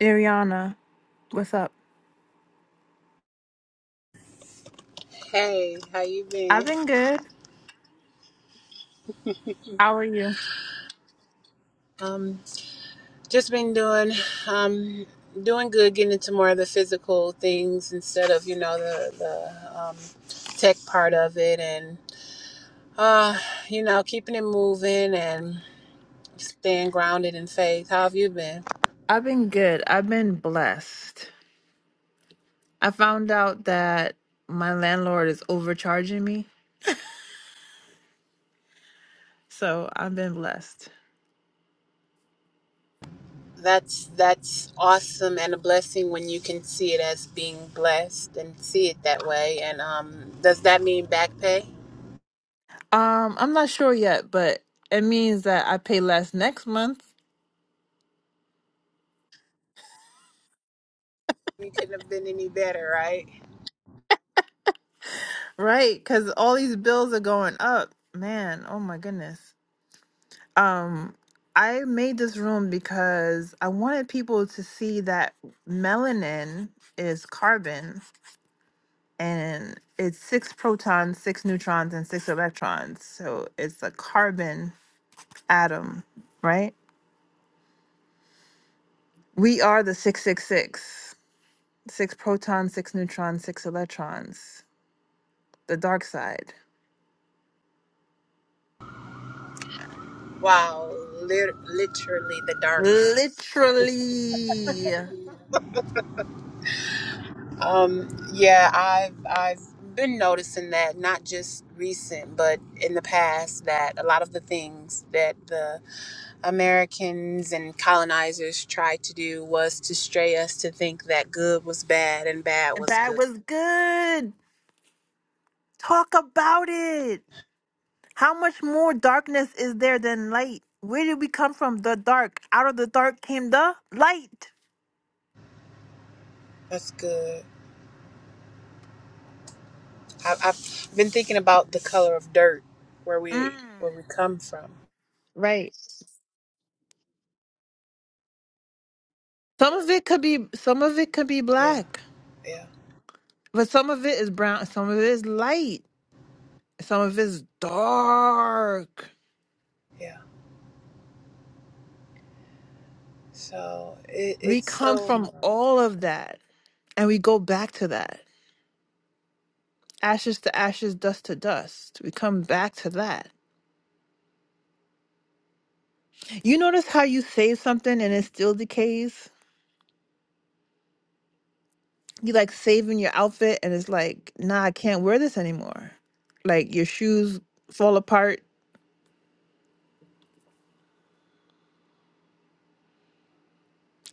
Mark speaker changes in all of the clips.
Speaker 1: Ariana, what's up?
Speaker 2: Hey, how you been?
Speaker 1: I've been good. How are you?
Speaker 2: Um, just been doing um doing good, getting into more of the physical things instead of you know the the um, tech part of it, and uh, you know keeping it moving and staying grounded in faith. How have you been?
Speaker 1: I've been good. I've been blessed. I found out that my landlord is overcharging me, so I've been blessed.
Speaker 2: That's that's awesome and a blessing when you can see it as being blessed and see it that way. And um, does that mean back pay?
Speaker 1: Um, I'm not sure yet, but it means that I pay less next month,
Speaker 2: We couldn't have been any better, right?
Speaker 1: right? Cuz all these bills are going up. Man, oh my goodness. Um, I made this room because I wanted people to see that melanin is carbon and it's six protons, six neutrons, and six electrons. So it's a carbon atom, right? We are the 666 six six. Six protons, six neutrons, six electrons, the dark side.
Speaker 2: Wow, lit literally the dark side.
Speaker 1: Literally.
Speaker 2: Um, yeah, I've I've been noticing that not just recent, but in the past that a lot of the things that the Americans and colonizers tried to do was to stray us to think that good was bad and bad
Speaker 1: And
Speaker 2: was
Speaker 1: bad
Speaker 2: good.
Speaker 1: was good. Talk about it. How much more darkness is there than light? Where did we come from? The dark. Out of the dark came the light.
Speaker 2: That's good. I, I've been thinking about the color of dirt, where
Speaker 1: Mm.
Speaker 2: we where we come from.
Speaker 1: Right. Some of it could be some of it could be
Speaker 2: Yeah,
Speaker 1: black,
Speaker 2: yeah,
Speaker 1: but some of it is brown, some of it is light, some of it is dark.
Speaker 2: yeah. So it,
Speaker 1: We
Speaker 2: it's
Speaker 1: come
Speaker 2: so
Speaker 1: from all of that and we go back to that. Ashes to ashes, dust to dust. We come back to that. You notice how you save something and it still decays? You like saving your outfit and it's like, nah, I can't wear this anymore. Like your shoes fall apart.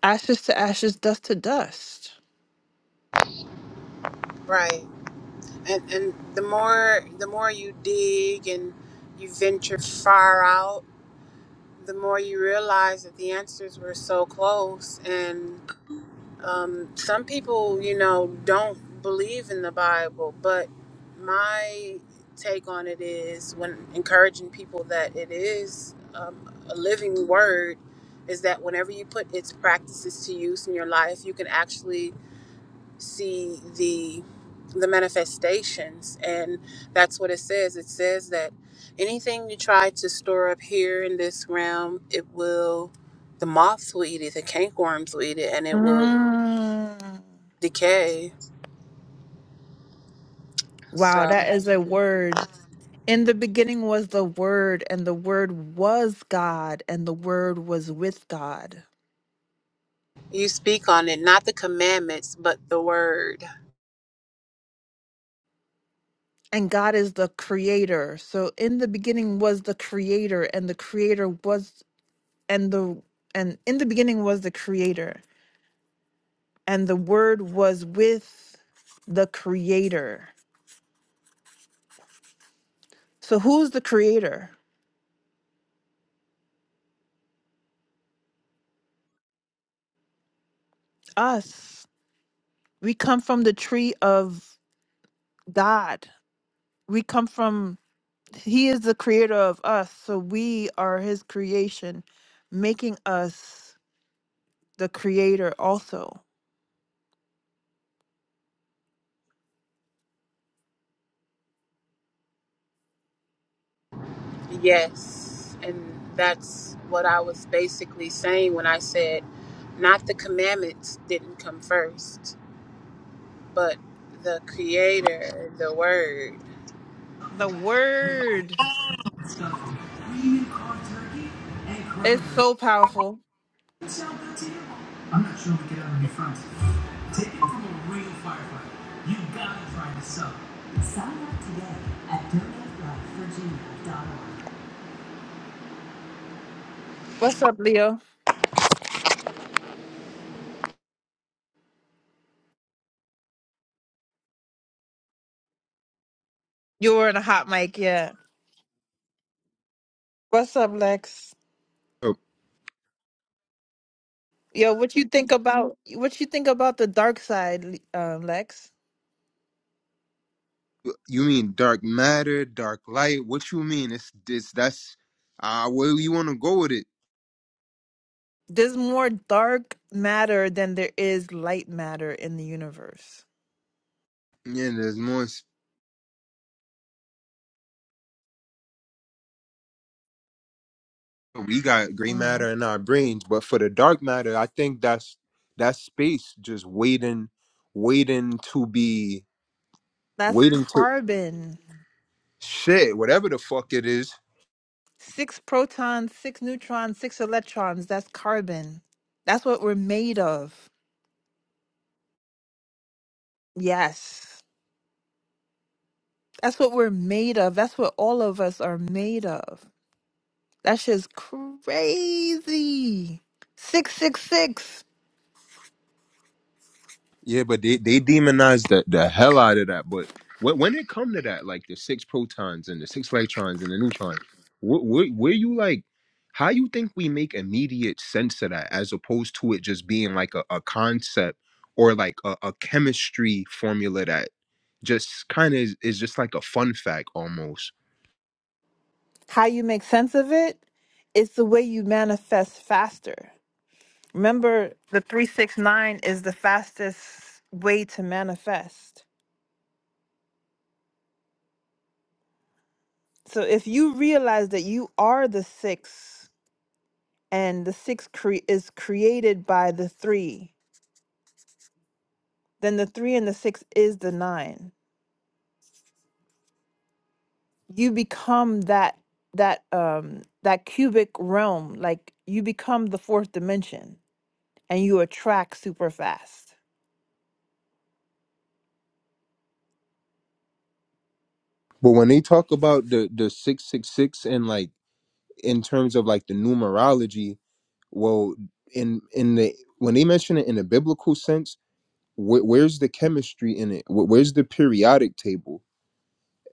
Speaker 1: Ashes to ashes, dust to dust.
Speaker 2: right. and and the more the more you dig and you venture far out the more you realize that the answers were so close and um, some people you know don't believe in the bible but my take on it is when encouraging people that it is um, a living word is that whenever you put its practices to use in your life you can actually see the the manifestations and that's what it says it says that anything you try to store up here in this realm it will the moths will eat it the cankerworms will eat it and it will
Speaker 1: Mm.
Speaker 2: decay
Speaker 1: Wow,
Speaker 2: so
Speaker 1: that is a word. In the beginning was the Word, and the Word was God, and the Word was with God.
Speaker 2: you speak on it not the commandments but the word
Speaker 1: And God is the creator. So in the beginning was the creator, and the creator was and the and in the beginning was the creator, and the word was with the creator. So who's the creator? Us. We come from the tree of God. We come from He is the creator of us, so we are his creation, making us the creator also.
Speaker 2: yes and that's what i was basically saying when i said not the commandments didn't come first but the creator the word
Speaker 1: The word
Speaker 3: stuff with cream and corn turkey and
Speaker 1: is
Speaker 3: cranberries.
Speaker 1: so powerful.
Speaker 3: It sounds good to you? I'm not sure we get out of the front. Take it from a real firefighter. You gotta try this sub. Sign up today at donatelifevirginia.org.
Speaker 1: What's up, Leo? You were in a hot mic, yeah. What's up, Lex?
Speaker 4: Oh,
Speaker 1: Yo, what you think about what you think about the dark side, Le- um, Lex?
Speaker 4: you mean dark matter, dark light? What you mean? It's this. That's uh, where you want to go with it.
Speaker 1: There's more dark matter than there is light matter in the universe.
Speaker 4: Yeah, there's more. s- We got gray
Speaker 1: hmm
Speaker 4: matter in our brains, but for the dark matter, I think that's that's space just waiting, waiting to be,
Speaker 1: That's
Speaker 4: waiting to
Speaker 1: carbon.
Speaker 4: shit, whatever the fuck it is.
Speaker 1: Six protons, six neutrons, six electrons. That's carbon. That's what we're made of. Yes. That's what we're made of. That's what all of us are made of. That shit's crazy. 666.
Speaker 4: Yeah, but they they demonize the, the hell out of that. But when when it come to that, like the six protons and the six electrons and the neutron, where, where, where you like, how you think we make immediate sense of that as opposed to it just being like a, a concept or like a, a chemistry formula that just kind of is, is just like a fun fact almost.
Speaker 1: How you make sense of it? It's the way you manifest faster. Remember, the 369 is the fastest way to manifest. So if you realize that you are the six and the six cre- is created by the three then the three and the six is the nine you become that that um that cubic realm like you become the fourth dimension and you attract super fast
Speaker 4: But when they talk about the the six six six and like in terms of like the numerology well in in the when they mention it in a biblical sense wh- where's the chemistry in it Wh- where's the periodic table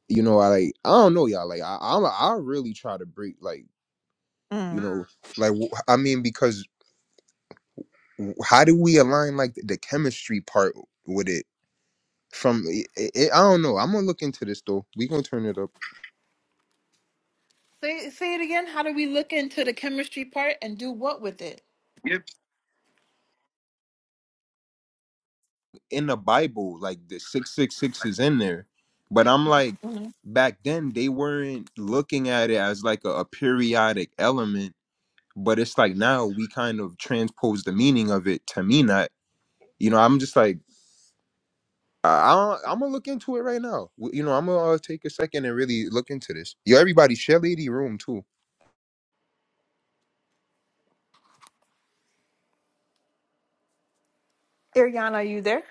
Speaker 4: you know i like i don't know y'all like i i, I really try to break like you
Speaker 1: mm.
Speaker 4: know like wh- i mean because wh- how do we align like the, the chemistry part with it from i i I don't know i'm gonna look into this though we gonna turn it up
Speaker 1: say, say it again how do we look into the chemistry part and do what with it
Speaker 4: in the Bible. Like the 666 is in there. But I'm like,
Speaker 1: Mhm.
Speaker 4: back then they weren't looking at it as like a, a periodic element. But it's like now we kind of transpose the meaning of it to mean that. You know, I'm just like, I, I, don't, I'm gonna look into it right now. W- You know, I'm gonna uh, take a second and really look into this. Yo, everybody, share Lady Room too.
Speaker 1: ariana are you there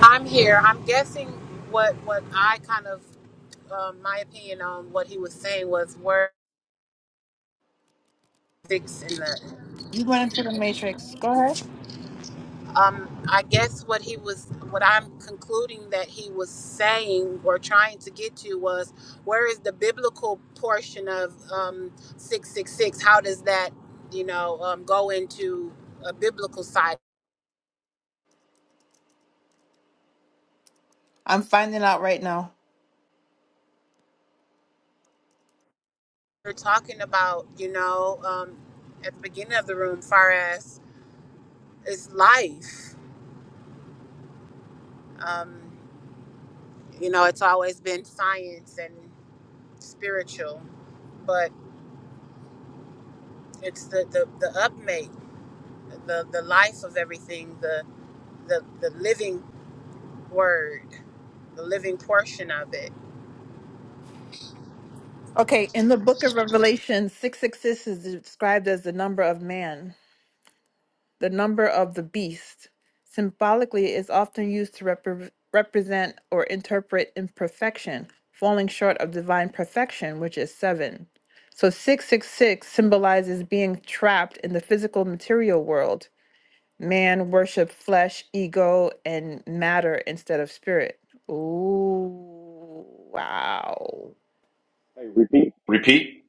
Speaker 2: I'm here. I'm guessing what what I kind of um, my opinion on what he was saying was word six in the.
Speaker 1: you went into the matrix go ahead
Speaker 2: Um, I guess what he was what I'm concluding that he was saying or trying to get to was where is the biblical portion of um, six six six? How does that you know um, go into a biblical side?
Speaker 1: i'm finding out right now
Speaker 2: We're talking about you know um, at the beginning of the room, far as is life. Um, you know it's always been science and spiritual but it's the the, the upmake the the life of everything the, the the living word the living portion of it
Speaker 1: Okay, in the book of Revelation, 666 is described as the number of man, the number of the beast. Symbolically, it is often used to repre- represent or interpret imperfection, falling short of divine perfection, which is seven. So 666 symbolizes being trapped in the physical material world. Man worship flesh, ego, and matter instead of spirit. Ooh, wow.
Speaker 3: Repeat. Repeat.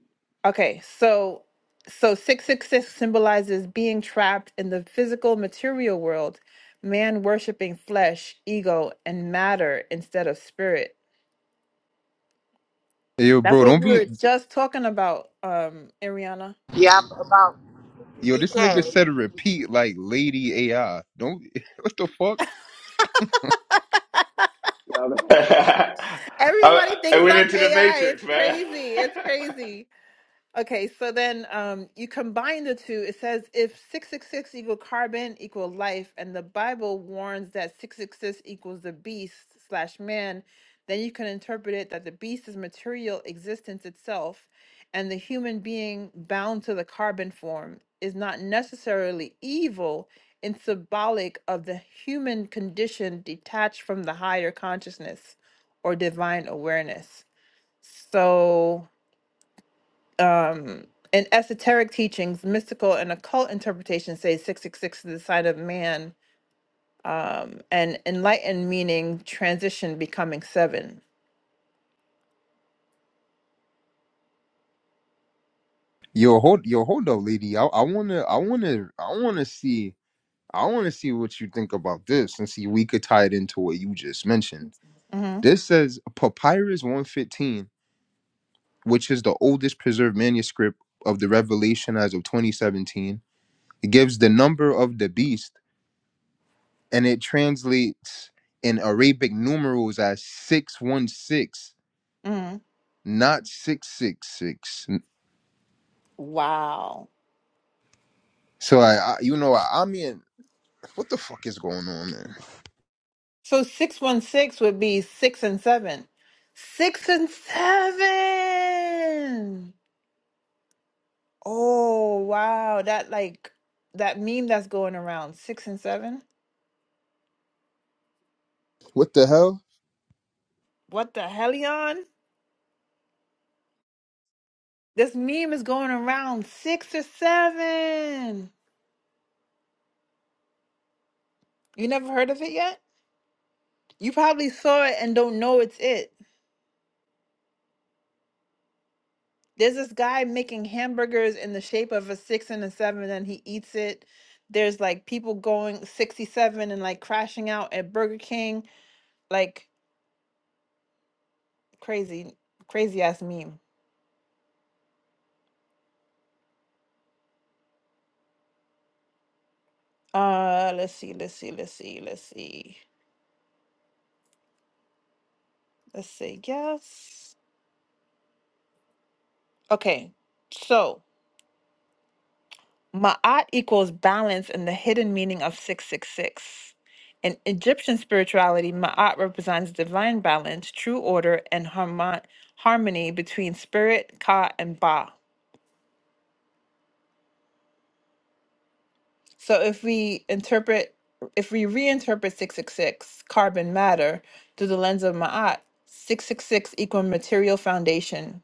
Speaker 1: Okay, so so 666 symbolizes being trapped in the physical material world, man worshiping flesh, ego, and matter instead of spirit.
Speaker 4: Yo,
Speaker 1: That's
Speaker 4: bro,
Speaker 1: what
Speaker 4: don't
Speaker 1: we
Speaker 4: be.
Speaker 1: were just talking about, um, Ariana.
Speaker 2: yeah about
Speaker 4: Yo, this nigga
Speaker 2: decay
Speaker 4: said repeat like Lady AI. Don't. What the fuck?
Speaker 3: Um, I,
Speaker 1: Everybody
Speaker 3: I
Speaker 1: thinks
Speaker 3: went
Speaker 1: I'm
Speaker 3: into the
Speaker 1: AI.
Speaker 3: matrix,
Speaker 1: It's
Speaker 3: man.
Speaker 1: crazy. It's crazy. Okay, so then um, you combine the two. It says if 666 equal carbon equal life, and the Bible warns that 666 equals the beast slash man, then you can interpret it that the beast is material existence itself, and the human being bound to the carbon form is not necessarily evil and symbolic of the human condition detached from the higher consciousness or divine awareness. So um, in esoteric teachings, mystical and occult interpretations say 666 is the sign of man, and enlightened meaning transition becoming 7
Speaker 4: Yo, hold yo, hold up, lady. I, I wanna I wanna I wanna see I wanna see what you think about this and see we could tie it into what you just mentioned.
Speaker 1: hmm
Speaker 4: This says Papyrus 115, which is the oldest preserved manuscript of the Revelation as of 2017. It gives the number of the beast and it translates in Arabic numerals as 616,
Speaker 1: hmm
Speaker 4: not 666.
Speaker 1: Wow.
Speaker 4: So I, I you know, I, I mean, what the fuck is going on, man?
Speaker 1: So 616 would be six and seven. Six and seven. Oh, wow. That like that meme that's going around six and seven.
Speaker 4: What the hell?
Speaker 1: What the hellion? This meme is going around six or seven. You never heard of it yet? You probably saw it and don't know it's it. There's this guy making hamburgers in the shape of a six and a seven, and he eats it. There's like people going 67 and like crashing out at Burger King. Like crazy, crazy ass meme. Uh, let's see, let's see, let's see, let's see. Let's see, yes. Okay, so. Ma'at equals balance in the hidden meaning of 666. In Egyptian spirituality, Ma'at represents divine balance, true order, and harmon- harmony between spirit, Ka, and Ba. So if we interpret, if we reinterpret 666, carbon matter, through the lens of Ma'at, 666 equal material foundation,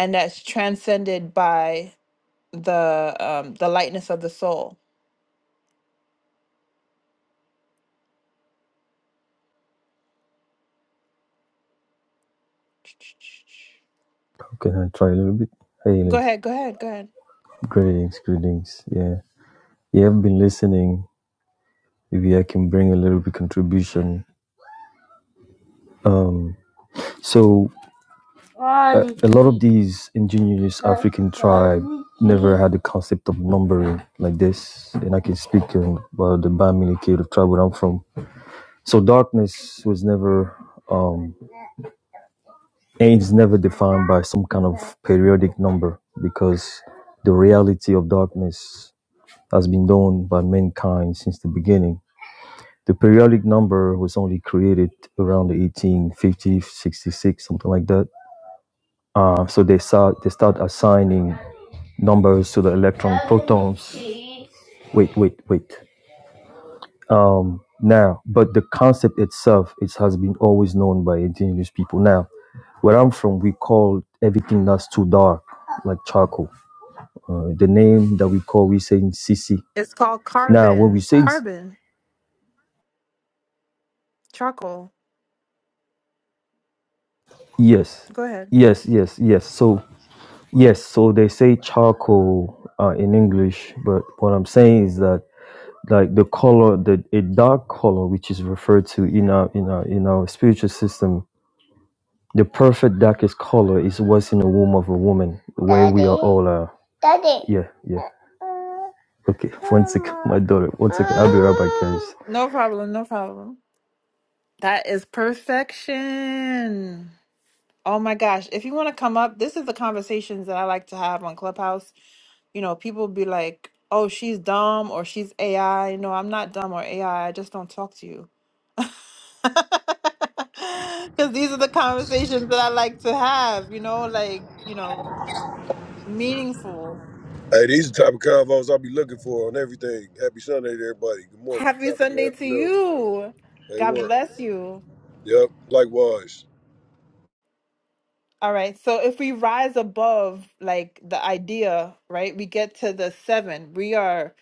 Speaker 1: and that's transcended by the um, the lightness of the soul.
Speaker 5: Can I try a little bit? Hey,
Speaker 1: Go
Speaker 5: lady.
Speaker 1: ahead, go ahead, go ahead.
Speaker 5: Greetings, greetings. Yeah, you have been listening. Maybe I can bring a little bit contribution. Um, so uh, a lot of these indigenous African tribe never had the concept of numbering like this, and I can speak um, about the Bamili Cave tribe where I'm from. So darkness was never, um, and it's never defined by some kind of periodic number because the reality of darkness has been done by mankind since the beginning. The periodic number was only created around the 1850, 66, something like that. Uh, so they start they start assigning numbers to the electron protons. Wait, wait, wait. Um, now, but the concept itself it has been always known by indigenous people. Now, where I'm from, we call everything that's too dark like charcoal. Uh, the name that we call, we say in Sisi.
Speaker 1: It's called
Speaker 5: Now, when we
Speaker 1: carbon.
Speaker 5: say
Speaker 1: Carbon. Charcoal.
Speaker 5: Yes,
Speaker 1: Go ahead.
Speaker 5: yes, yes, yes. So yes, so they say charcoal uh, in English, but what I'm saying is that like the color, the a dark color, which is referred to in our in our in our spiritual system, the perfect darkest color is what's in the womb of a woman, where we are Daddy? all. Uh, Daddy. Yeah, yeah. Okay, one second, my daughter. One second, I'll be right back, guys.
Speaker 1: No problem. No problem. That is perfection. Oh my gosh. If you want to come up, this is the conversations that I like to have on Clubhouse. You know, people be like, oh, she's dumb or she's AI. No, I'm not dumb or AI. I I just don't talk to you. Because these are the conversations that I like to have, you know, like, you know, meaningful.
Speaker 6: Hey, these are the type of convos I'll be looking for on everything. Happy Sunday to everybody. Good morning.
Speaker 1: Happy
Speaker 6: Top of the
Speaker 1: Sunday to
Speaker 6: afternoon.
Speaker 1: you.
Speaker 6: Hey,
Speaker 1: God
Speaker 6: one.
Speaker 1: bless you.
Speaker 6: Yep, likewise.
Speaker 1: All right. So if we rise above like the idea, right, we get to the seven. We are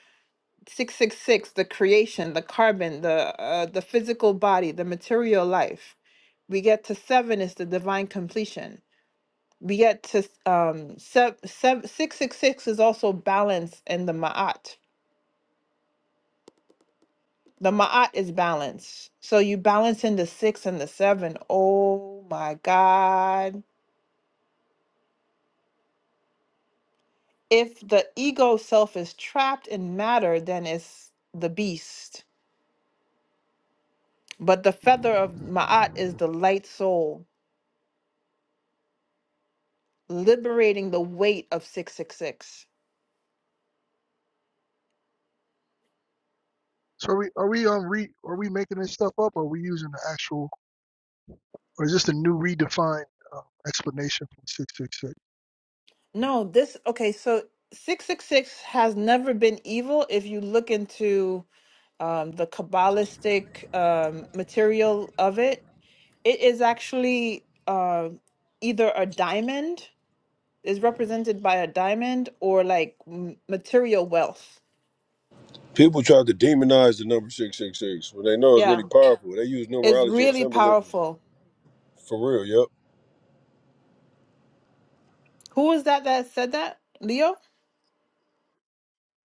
Speaker 1: six six six, the creation, the carbon, the uh, the physical body, the material life. We get to seven is the divine completion. We get to um sev sev six six six is also balance in the ma'at. The ma'at is balance. So you balance in the six and the seven. Oh my God. if the ego self is trapped in matter, then it's the beast. But the feather of Ma'at is the light soul, liberating the weight of 666.
Speaker 7: So are we are we um re are we making this stuff up or are we using the actual or is this a new redefined uh, explanation from six six six?
Speaker 1: No, this, okay, so 666 has never been evil if you look into um, the Kabbalistic um, material of it. It is actually uh, either a diamond, is represented by a diamond, or like m- material wealth.
Speaker 6: People try to demonize the number 666 when they know it's
Speaker 1: Yeah.
Speaker 6: really powerful. They use
Speaker 1: It's
Speaker 6: numerology and
Speaker 1: really
Speaker 6: symbolism.
Speaker 1: powerful.
Speaker 6: For real, yep.
Speaker 1: Who was that that said that? Leo?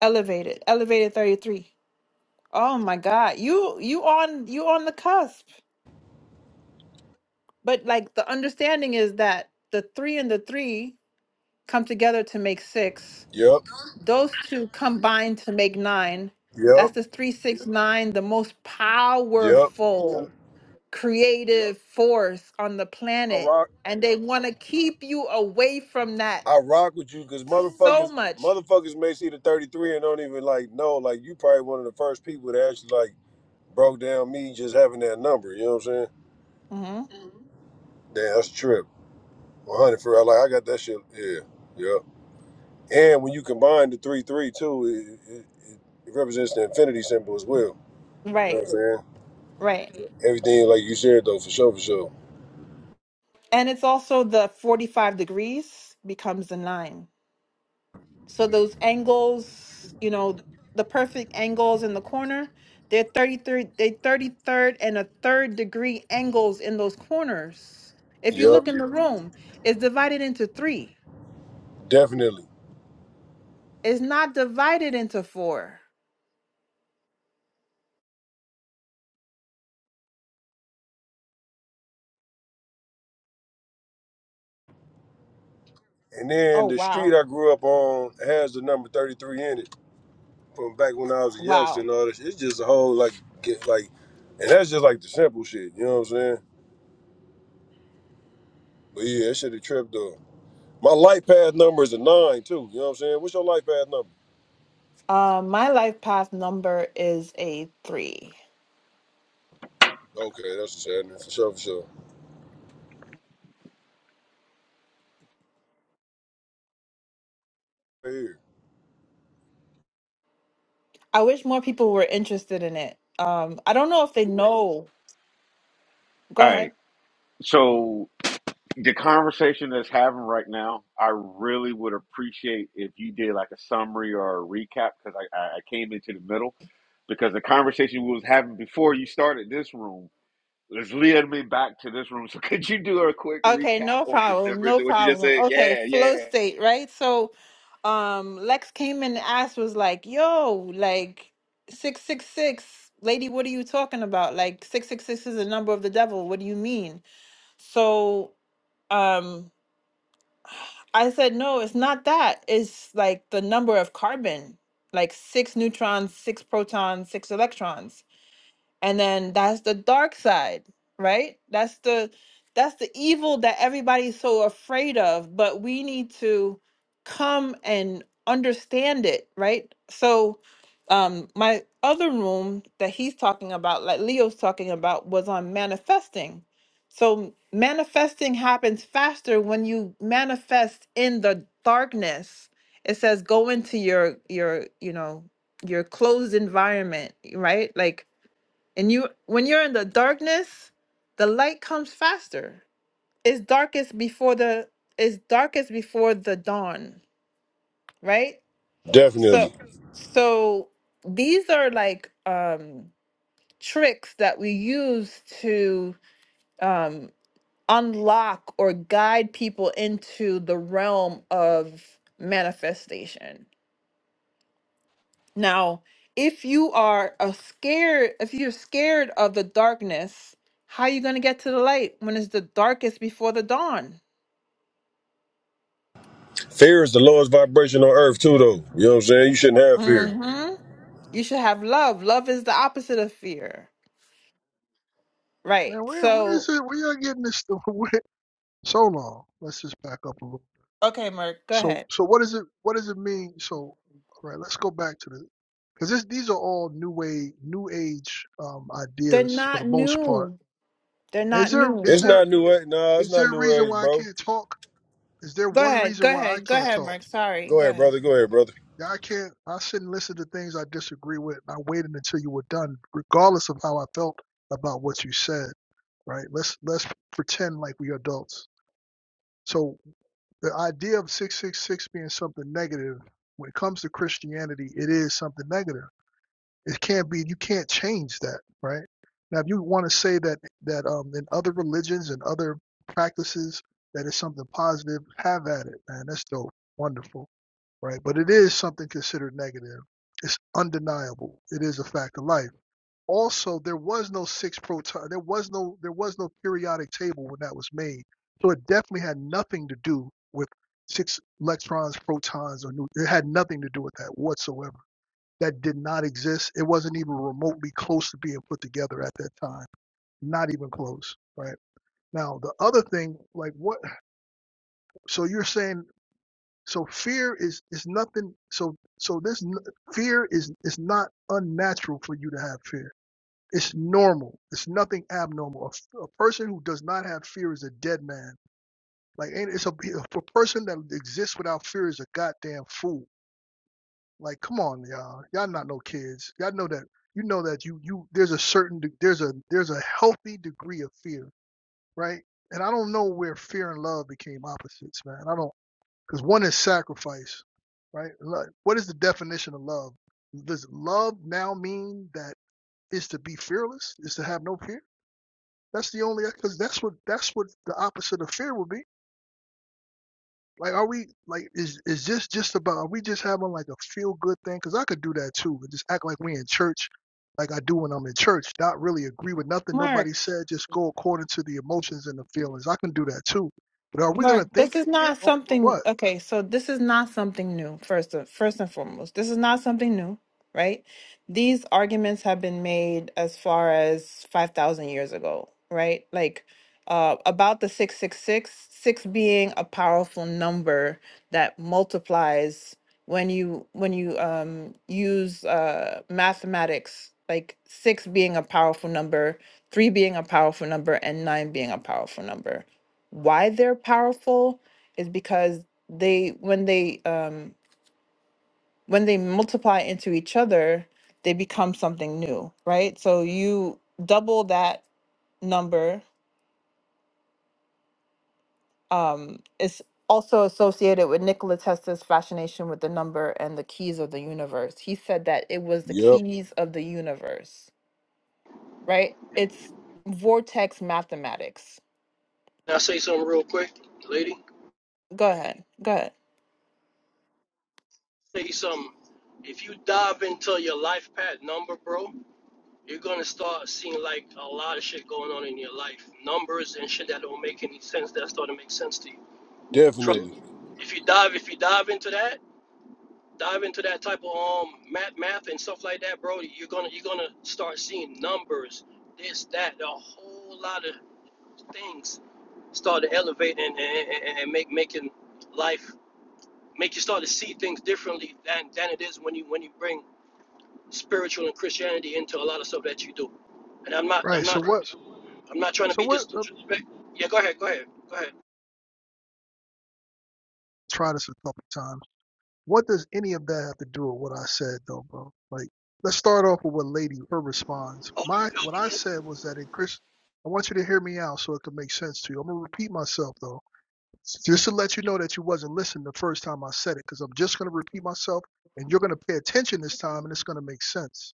Speaker 1: Elevated. Elevated 33. Oh my God. You you on you on the cusp. But like the understanding is that the three and the three come together to make six.
Speaker 6: Yep,
Speaker 1: Those two combine to make nine.
Speaker 6: yep,
Speaker 1: That's the three six nine, the most
Speaker 6: yep.
Speaker 1: powerful creative force on the
Speaker 6: I
Speaker 1: planet.
Speaker 6: rock,
Speaker 1: And they want to keep you away from that
Speaker 6: I rock with you because
Speaker 1: so
Speaker 6: motherfuckers,
Speaker 1: much.
Speaker 6: motherfuckers may see the 33 and don't even like know. Like, you probably one of the first people that actually like broke down me just having that number. You know what I'm saying?
Speaker 1: hmm
Speaker 6: Damn, that's a trip. 100 for real. Like, I got that shit. Yeah, yeah. And when you combine the three three too, it, it, it represents the infinity symbol as well. You know what
Speaker 1: Right.
Speaker 6: I'm saying?
Speaker 1: Right.
Speaker 6: Everything like you said though, for sure, for sure.
Speaker 1: And it's also the 45 degrees becomes the nine. So those angles, you know, the perfect angles in the corner, they're 33, they 33rd and a third degree angles in those corners. If you
Speaker 6: Yep,
Speaker 1: look in the room, it's divided into three.
Speaker 6: definitely.
Speaker 1: It's not divided into four.
Speaker 6: And
Speaker 1: Oh,
Speaker 6: then the street
Speaker 1: wow.
Speaker 6: I grew up on has the number thirty three in it from back when I was a youngster
Speaker 1: Wow.
Speaker 6: and all this. It's just a whole like get like, and that's just like the simple shit. You know what I'm saying? But yeah, that shit a trip though. My life path number is a nine too. You know what I'm saying? What's your life path number?
Speaker 1: Uh, my life path number is a three.
Speaker 6: Okay, that's a sad for sure, for sure. Right here.
Speaker 1: I wish more people were interested in it. Um, I don't know if they know. Go
Speaker 3: all
Speaker 1: ahead.
Speaker 3: right. So. the conversation that's having right now, I really would appreciate if you did like a summary or a recap because I, I I came into the middle because the conversation we was having before you started this room is leading me back to this room. So could you do a quick
Speaker 1: Okay,
Speaker 3: recap
Speaker 1: no
Speaker 3: on the
Speaker 1: problem,
Speaker 3: numbers
Speaker 1: no
Speaker 3: and what you just
Speaker 1: problem.
Speaker 3: said?
Speaker 1: Okay,
Speaker 3: Yeah, yeah.
Speaker 1: flow state, right? So, um, Lex came in and asked, was like, "Yo, like six six six, lady, what are you talking about? Like six six six is the number of the devil. What do you mean?" So, um, I said, "No, it's not that. It's like the number of carbon, like six neutrons, six protons, six electrons." and then that's the dark side right that's the that's the evil that everybody's so afraid of but we need to come and understand it right so um my other room that he's talking about like leo's talking about was on manifesting so manifesting happens faster when you manifest in the darkness it says go into your your you know your closed environment right like and you when you're in the darkness, the light comes faster. It's darkest before the it's darkest before the dawn, right? So
Speaker 6: Definitely.
Speaker 1: so these are like um tricks that we use to um unlock or guide people into the realm of manifestation Now, if you are a scared, if you're scared of the darkness, how are you going to get to the light when it's the darkest before the dawn?
Speaker 6: Fear is the lowest vibration on earth too, though. You know what I'm saying? You shouldn't have fear.
Speaker 1: hmm You should have love. Love is the opposite of fear. Right.
Speaker 7: Man, where where
Speaker 1: So,
Speaker 7: is it? Where y'all getting this stuff? Where, so long. Let's just back up a little.
Speaker 1: okay, Merc, go
Speaker 7: So
Speaker 1: ahead.
Speaker 7: so what does it what does it mean? So all right, let's go back to the because this these are all new way new age um
Speaker 1: They're
Speaker 7: ideas for
Speaker 1: not
Speaker 7: the most part.
Speaker 1: new. They're
Speaker 7: Is
Speaker 1: not
Speaker 7: there
Speaker 1: new.
Speaker 7: is
Speaker 6: It's
Speaker 7: there
Speaker 6: not new
Speaker 7: is,
Speaker 6: age. Nah, it's
Speaker 7: is there
Speaker 6: not
Speaker 7: a
Speaker 6: new
Speaker 7: reason
Speaker 6: age,
Speaker 7: why I
Speaker 6: bro.
Speaker 7: can't talk? Is there
Speaker 1: Go
Speaker 7: one
Speaker 1: ahead.
Speaker 7: reason
Speaker 1: Go
Speaker 7: why I
Speaker 1: ahead. Go
Speaker 7: can't
Speaker 1: ahead,
Speaker 7: talk?
Speaker 1: Merc. Sorry.
Speaker 6: Go
Speaker 1: Go
Speaker 6: ahead,
Speaker 1: ahead.
Speaker 6: brother. Go ahead, brother.
Speaker 7: Yeah, I can't. I shouldn't listen to things I disagree with. I waited until you were done, regardless of how I felt about what you said. Right? Let's let's pretend like we adults. So the idea of six six six being something negative, when it comes to Christianity, it is something negative. It can't be. You can't change that. Right? Now, if you want to say that that um in other religions and other practices that is something positive, have at it, man. That's dope. Wonderful right? But it is something considered negative. It's undeniable. It is a fact of life. Also, there was no six proton. There was no there was no periodic table when that was made. So it definitely had nothing to do with six electrons, protons, or new. It had nothing to do with that whatsoever. That did not exist. It wasn't even remotely close to being put together at that time. Not even close, right? Now the other thing, like what? So you're saying so fear is is nothing. So so this fear is is not unnatural for you to have fear. It's normal. It's nothing abnormal. A, a person who does not have fear is a dead man. Like ain't it's a, a person that exists without fear is a goddamn fool. Like come on, y'all. Y'all not no kids. Y'all know that. You know that you you there's a certain there's a there's a healthy degree of fear, right? And I don't know where fear and love became opposites, man. I don't because one is sacrifice, right? What is the definition of love? Does love now mean that it's to be fearless, is to have no fear? That's the only because that's what that's what the opposite of fear would be. Like, are we like is is this just about are we just having like a feel good thing? Because I could do that too, and just act like we in church, like I do when I'm in church. Not really agree with nothing
Speaker 1: Merc.
Speaker 7: nobody said. Just go according to the emotions and the feelings. I can do that too. But are we
Speaker 1: Mark,
Speaker 7: gonna think
Speaker 1: this
Speaker 7: it
Speaker 1: is
Speaker 7: here
Speaker 1: not
Speaker 7: or
Speaker 1: something,
Speaker 7: what?
Speaker 1: okay, so this is not something new, first first and foremost. This is not something new, right? These arguments have been made as far as 5,000 years ago, right? Like uh, about the six six six six being a powerful number that multiplies when you when you um use uh mathematics, like six being a powerful number, three being a powerful number, and nine being a powerful number why they're powerful is because they when they um when they multiply into each other they become something new right so you double that number um it's also associated with Nikola Tesla's fascination with the number and the keys of the universe he said that it was the
Speaker 6: Yep,
Speaker 1: keys of the universe right it's vortex mathematics
Speaker 8: Can I say something real quick, lady?
Speaker 1: go ahead go
Speaker 8: Say something. If you dive into your life path number, bro, you're gonna start seeing like a lot of shit going on in your life. Numbers and shit that don't make any sense that start to make sense to you. Trust
Speaker 6: definitely.
Speaker 8: me. If you dive if you dive into that, dive into that type of um math math and stuff like that, bro, you're gonna you're gonna start seeing numbers, this, that, a whole lot of things start to elevate and, and, and and make making life make you start to see things differently than, than it is when you when you bring spiritual and Christianity into a lot of stuff that you do. And I'm not I'm
Speaker 7: Right. So
Speaker 8: not
Speaker 7: what?
Speaker 8: Right. I'm not trying to
Speaker 7: So
Speaker 8: be
Speaker 7: what? uh,
Speaker 8: disrespectful. Yeah, go ahead, go ahead, go ahead.
Speaker 7: try this a couple times. What does any of that have to do with what I said, though, bro? Like, let's start off with what Lady her response.
Speaker 8: Oh
Speaker 7: My what I said was that in Chris, I want you to hear me out so it can make sense to you. I'm gonna repeat myself though, just to let you know that you wasn't listening the first time I said it, because I'm just gonna repeat myself, and you're gonna pay attention this time, and it's gonna make sense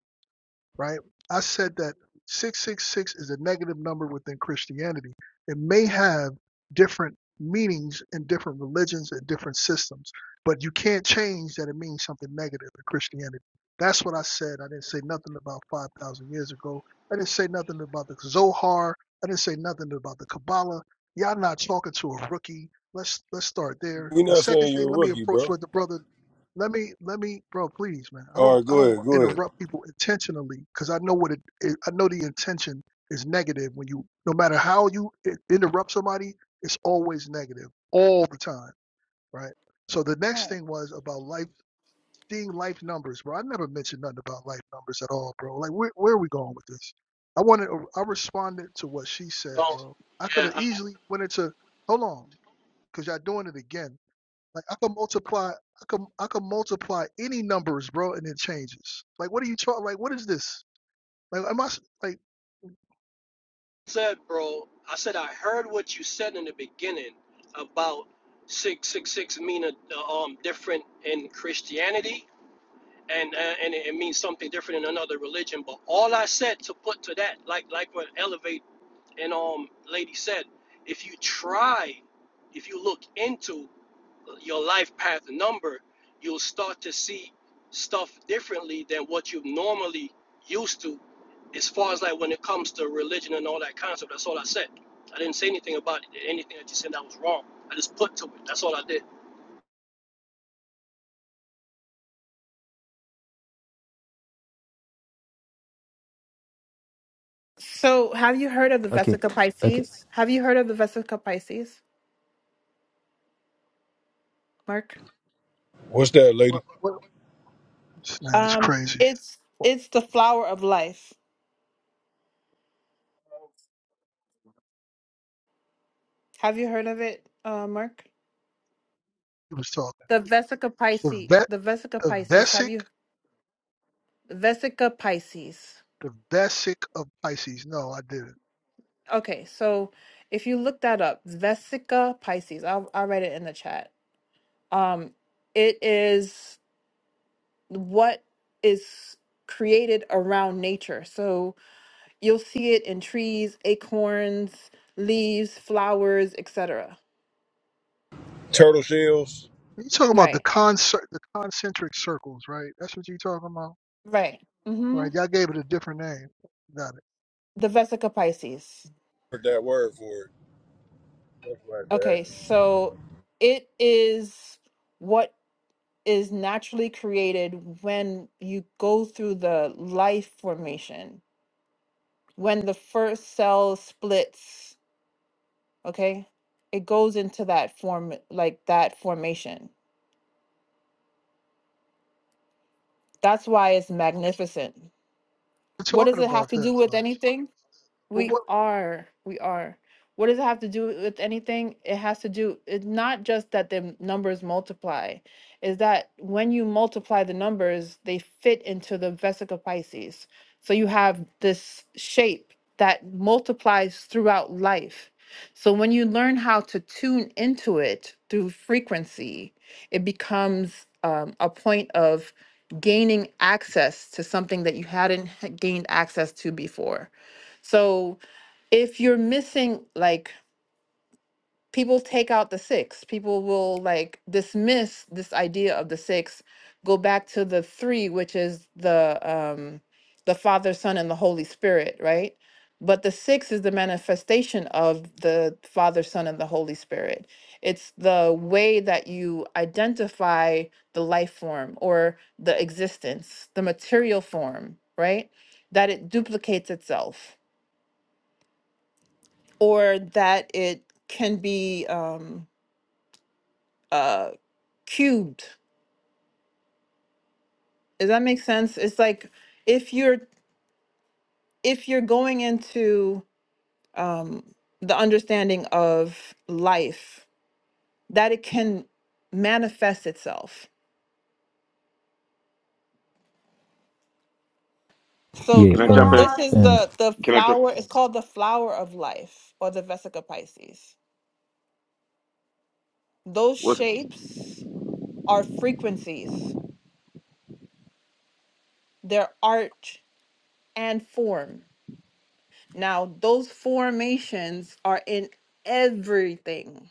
Speaker 7: right? I said that 666 is a negative number within Christianity. It may have different meanings in different religions and different systems, but you can't change that it means something negative in Christianity. That's what I said. I didn't say nothing about 5,000 years ago. I didn't say nothing about the Zohar. I didn't say nothing about the Kabbalah. Y'all not talking to a rookie. Let's let's start there.
Speaker 6: we
Speaker 7: The
Speaker 6: not
Speaker 7: second
Speaker 6: saying
Speaker 7: thing,
Speaker 6: you're a
Speaker 7: let me
Speaker 6: rookie,
Speaker 7: approach
Speaker 6: bro.
Speaker 7: what the brother let me let me bro please man i
Speaker 6: All
Speaker 7: don't
Speaker 6: right,
Speaker 7: i
Speaker 6: go
Speaker 7: don't
Speaker 6: ahead, go ahead.
Speaker 7: interrupt people intentionally because i know what it, it i know the intention is negative when you no matter how you i- interrupt somebody it's always negative all the time right so the next
Speaker 1: ahead
Speaker 7: thing was about life seeing life numbers bro i never mentioned nothing about life numbers at all bro like where, where are we going with this i wanted i responded to what she said
Speaker 8: no,
Speaker 7: bro i could
Speaker 8: yeah,
Speaker 7: have
Speaker 8: I
Speaker 7: easily went into hold on because y'all doing it again like I can multiply, I can I can multiply any numbers, bro, and it changes. Like what are you talking? Like what is this? Like am I s- like
Speaker 8: said, bro. I said I heard what you said in the beginning about six six six mean a, um different in Christianity. And, uh, and it means something different in another religion. But all I said to put to that, like like what Elevate And um, lady said, if you try, if you look into your life path number, you'll start to see stuff differently than what you've normally used to, as far as like when it comes to religion and all that concept. That's all I said. I didn't say anything about it, anything that you said that was wrong. I just put to it. That's all I did.
Speaker 1: So, have you heard of the
Speaker 5: Okay,
Speaker 1: Vesica
Speaker 5: okay.
Speaker 1: Pisces? Have you heard of the Vesica Pisces, Mark?
Speaker 6: What's that, lady?
Speaker 7: what? What? Man, it's
Speaker 1: Um,
Speaker 7: crazy.
Speaker 1: it's it's the flower of life. Have you heard of it, uh, Mark?
Speaker 7: He was talking
Speaker 1: The Vesica
Speaker 7: the
Speaker 1: Pisces.
Speaker 7: vet,
Speaker 1: The Vesica
Speaker 7: the
Speaker 1: Pisces. Have
Speaker 7: vesic,
Speaker 1: you Vesica Pisces?
Speaker 7: the vesic of Pisces. No, I didn't.
Speaker 1: Okay, so if you look that up, Vesica Pisces. I'll I'll write it in the chat. Um, it is what is created around nature. So You'll see it in trees, acorns, leaves, flowers, etc.
Speaker 6: Turtle shells.
Speaker 7: You talking about the
Speaker 1: Right.
Speaker 7: concert, the concentric circles, right? That's what you talking about,
Speaker 1: Right. Mm-hmm.
Speaker 7: right? Y'all gave it a different name. Got it.
Speaker 1: The Vesica Pisces.
Speaker 6: Heard that word for it. That's what I had
Speaker 1: Okay, so it is what is naturally created when you go through the life formation, when the first cell splits, okay? It goes into that form, like that formation. That's why it's magnificent.
Speaker 7: We're
Speaker 1: What does
Speaker 7: talking
Speaker 1: it have
Speaker 7: about
Speaker 1: to do
Speaker 7: that
Speaker 1: with
Speaker 7: though.
Speaker 1: anything?
Speaker 7: But
Speaker 1: We
Speaker 7: what?
Speaker 1: are. We are. What does it have to do with anything? It has to do, it's not just that the numbers multiply, is that when you multiply the numbers, they fit into the vesica Pisces. So you have this shape that multiplies throughout life. So when you learn how to tune into it through frequency, it becomes um, a point of gaining access to something that you hadn't h- gained access to before. So if you're missing like people take out the six people will like dismiss this idea of the six go back to the three which is the um the father son and the holy spirit right but the six is the manifestation of the father son and the holy spirit it's the way that you identify the life form or the existence the material form right that it duplicates itself or that it can be um, uh, cubed. Does that make sense? It's like if you're if you're going into um, the understanding of life that it can manifest itself. So
Speaker 5: Yeah.
Speaker 3: Can
Speaker 1: Yeah.
Speaker 3: I jump in?
Speaker 5: Um.
Speaker 1: this is
Speaker 5: uh,
Speaker 1: the the
Speaker 3: Can I jump?
Speaker 1: flower. It's called the flower of life or the Vesica Pisces. Those
Speaker 3: Was
Speaker 1: shapes are frequencies. They're art and form Now, those formations are in everything,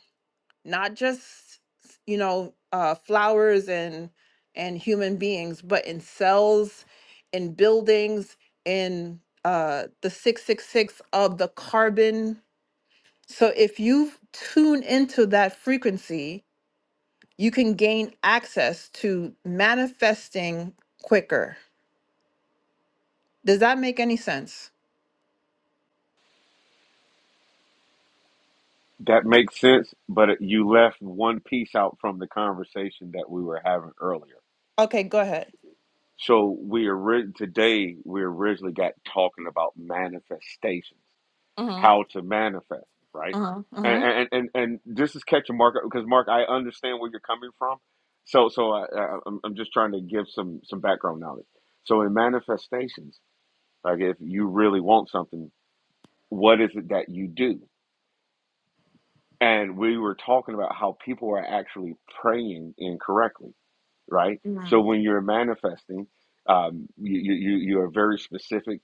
Speaker 1: not just you know uh, flowers and and human beings, but in cells, in buildings, in uh, the six six six of the carbon. So if you tune into that frequency, you can gain access to manifesting quicker. Does that make any sense?
Speaker 3: that makes sense? But you left one piece out from the conversation that we were having earlier.
Speaker 1: Okay, go ahead.
Speaker 3: So we ori- today we originally got talking about manifestations,
Speaker 1: Uh huh.
Speaker 3: how to manifest, right?
Speaker 1: Uh huh. Uh
Speaker 3: And
Speaker 1: huh
Speaker 3: and and, and this is catching Mark because Mark, I understand where you're coming from. So so I, I, I'm I'm just trying to give some some background knowledge. So in manifestations, like if you really want something, what is it that you do? And we were talking about how people are actually praying incorrectly, right? So when you're manifesting um, you, you you you are very specific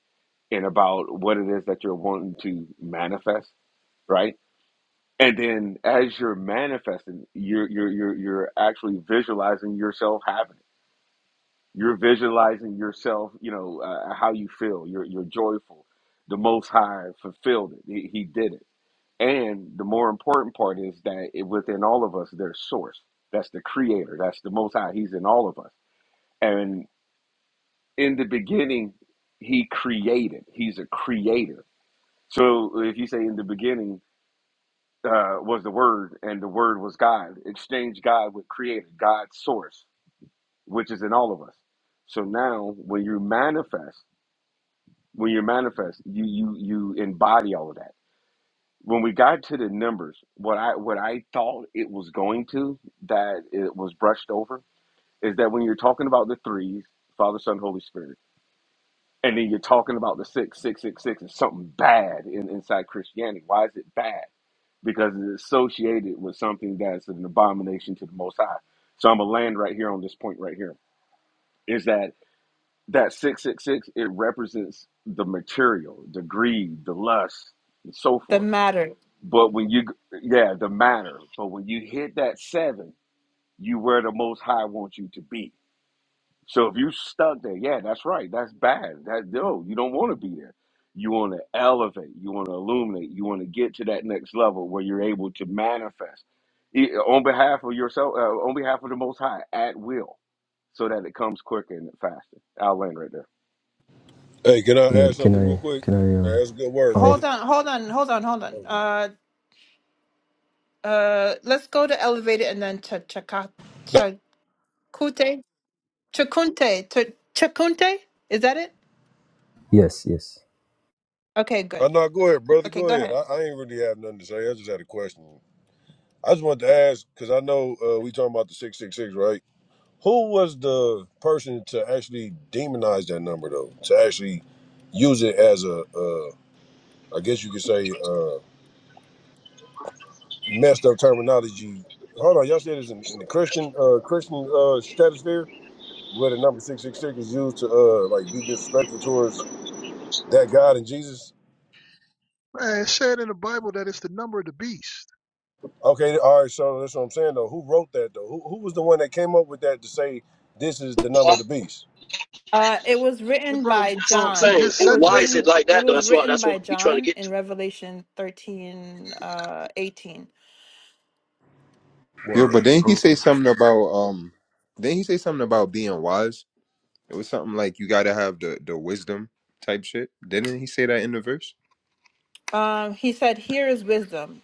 Speaker 3: and about what it is that you're wanting to manifest, right? And then as you're manifesting, you're you're you're you're actually visualizing yourself having it. You're visualizing yourself, you know, uh, how you feel. You're you're joyful. The Most High fulfilled it. He, he did it. And the more important part is that it, within all of us, there's Source. That's the Creator. That's the Most High. He's in all of us. And in the beginning, He created. He's a creator So if you say in the beginning uh, was the Word, and the Word was God, exchange God with Creator, God's source, which is in all of us. So now, when you manifest, when you manifest, you you you embody all of that. When we got to the numbers, what I what I thought it was going to that it was brushed over is that when you're talking about the threes, Father, Son, Holy Spirit, and then you're talking about the six, six, six, six, is something bad in, inside Christianity. Why is it bad? because it's associated with something that's an abomination to the Most High. So I'm gonna land right here on this point right here. Is that that six six six? It represents the material, the greed, the lust, and so
Speaker 1: the
Speaker 3: forth.
Speaker 1: matter.
Speaker 3: But when you, yeah, the matter. But when you hit that seven, you where the Most High wants you to be. So if you stuck there, yeah, that's right. That's bad. That no, you don't want to be there. You want to elevate. You want to illuminate. You want to get to that next level where you're able to manifest eh, on behalf of yourself, uh, on behalf of the Most High, at will, so that it comes quicker and faster. I'll land right there.
Speaker 6: Hey, can I
Speaker 5: yeah.
Speaker 6: ask
Speaker 5: Can
Speaker 6: something real
Speaker 5: I?
Speaker 6: quick?
Speaker 5: Can I? Uh,
Speaker 6: Hey, that's a good word,
Speaker 5: try?
Speaker 1: Hold
Speaker 6: brother.
Speaker 1: on, hold on, hold on, hold on.
Speaker 6: Okay.
Speaker 1: Uh, uh, let's go to elevated and then ch chaka chakute chakunte Ch- chakunte. Is that it?
Speaker 5: Yes. Yes.
Speaker 1: Okay, good.
Speaker 6: I know. Go ahead, brother.
Speaker 1: Okay,
Speaker 6: Go
Speaker 1: go
Speaker 6: ahead.
Speaker 1: ahead.
Speaker 6: I, I ain't really have nothing to say. I just had a question. I just wanted to ask because I know uh, we talking about the six six six, right? Who was the person to actually demonize that number though? To actually use it as a, uh, I guess you could say, uh, messed up terminology. Hold on, y'all said this in, in the Christian, uh, Christian uh, stratosphere where the number six six six is used to uh, like be disrespectful towards that God and Jesus.
Speaker 7: Man, it said in the Bible that it's the number of the beast.
Speaker 6: Okay, all right. So that's what I'm saying though. Who wrote that though? Who, who was the one that came up with that to say this is the
Speaker 8: Well,
Speaker 6: number of the beast?
Speaker 1: Uh, it was
Speaker 7: And
Speaker 1: written by
Speaker 7: bro,
Speaker 8: that's what
Speaker 7: bro,
Speaker 8: I'm
Speaker 7: we
Speaker 1: John.
Speaker 8: saying.
Speaker 7: just
Speaker 1: It
Speaker 8: Who,
Speaker 7: said
Speaker 1: was
Speaker 8: why
Speaker 7: that,
Speaker 8: is
Speaker 7: right?
Speaker 1: written.
Speaker 8: it like
Speaker 1: It
Speaker 8: that? Though?
Speaker 1: was
Speaker 8: That's what
Speaker 1: written
Speaker 8: that's
Speaker 1: by
Speaker 8: what we trying to
Speaker 1: John
Speaker 8: get
Speaker 1: in
Speaker 8: to.
Speaker 1: Revelation thirteen, uh, eighteen.
Speaker 4: Yeah,
Speaker 6: Word.
Speaker 4: but then he say
Speaker 6: Okay.
Speaker 4: something about um then he say something about being wise. It was something like you gotta have the the wisdom type shit. Didn't he say that in the verse?
Speaker 1: Um, he said, Here is wisdom.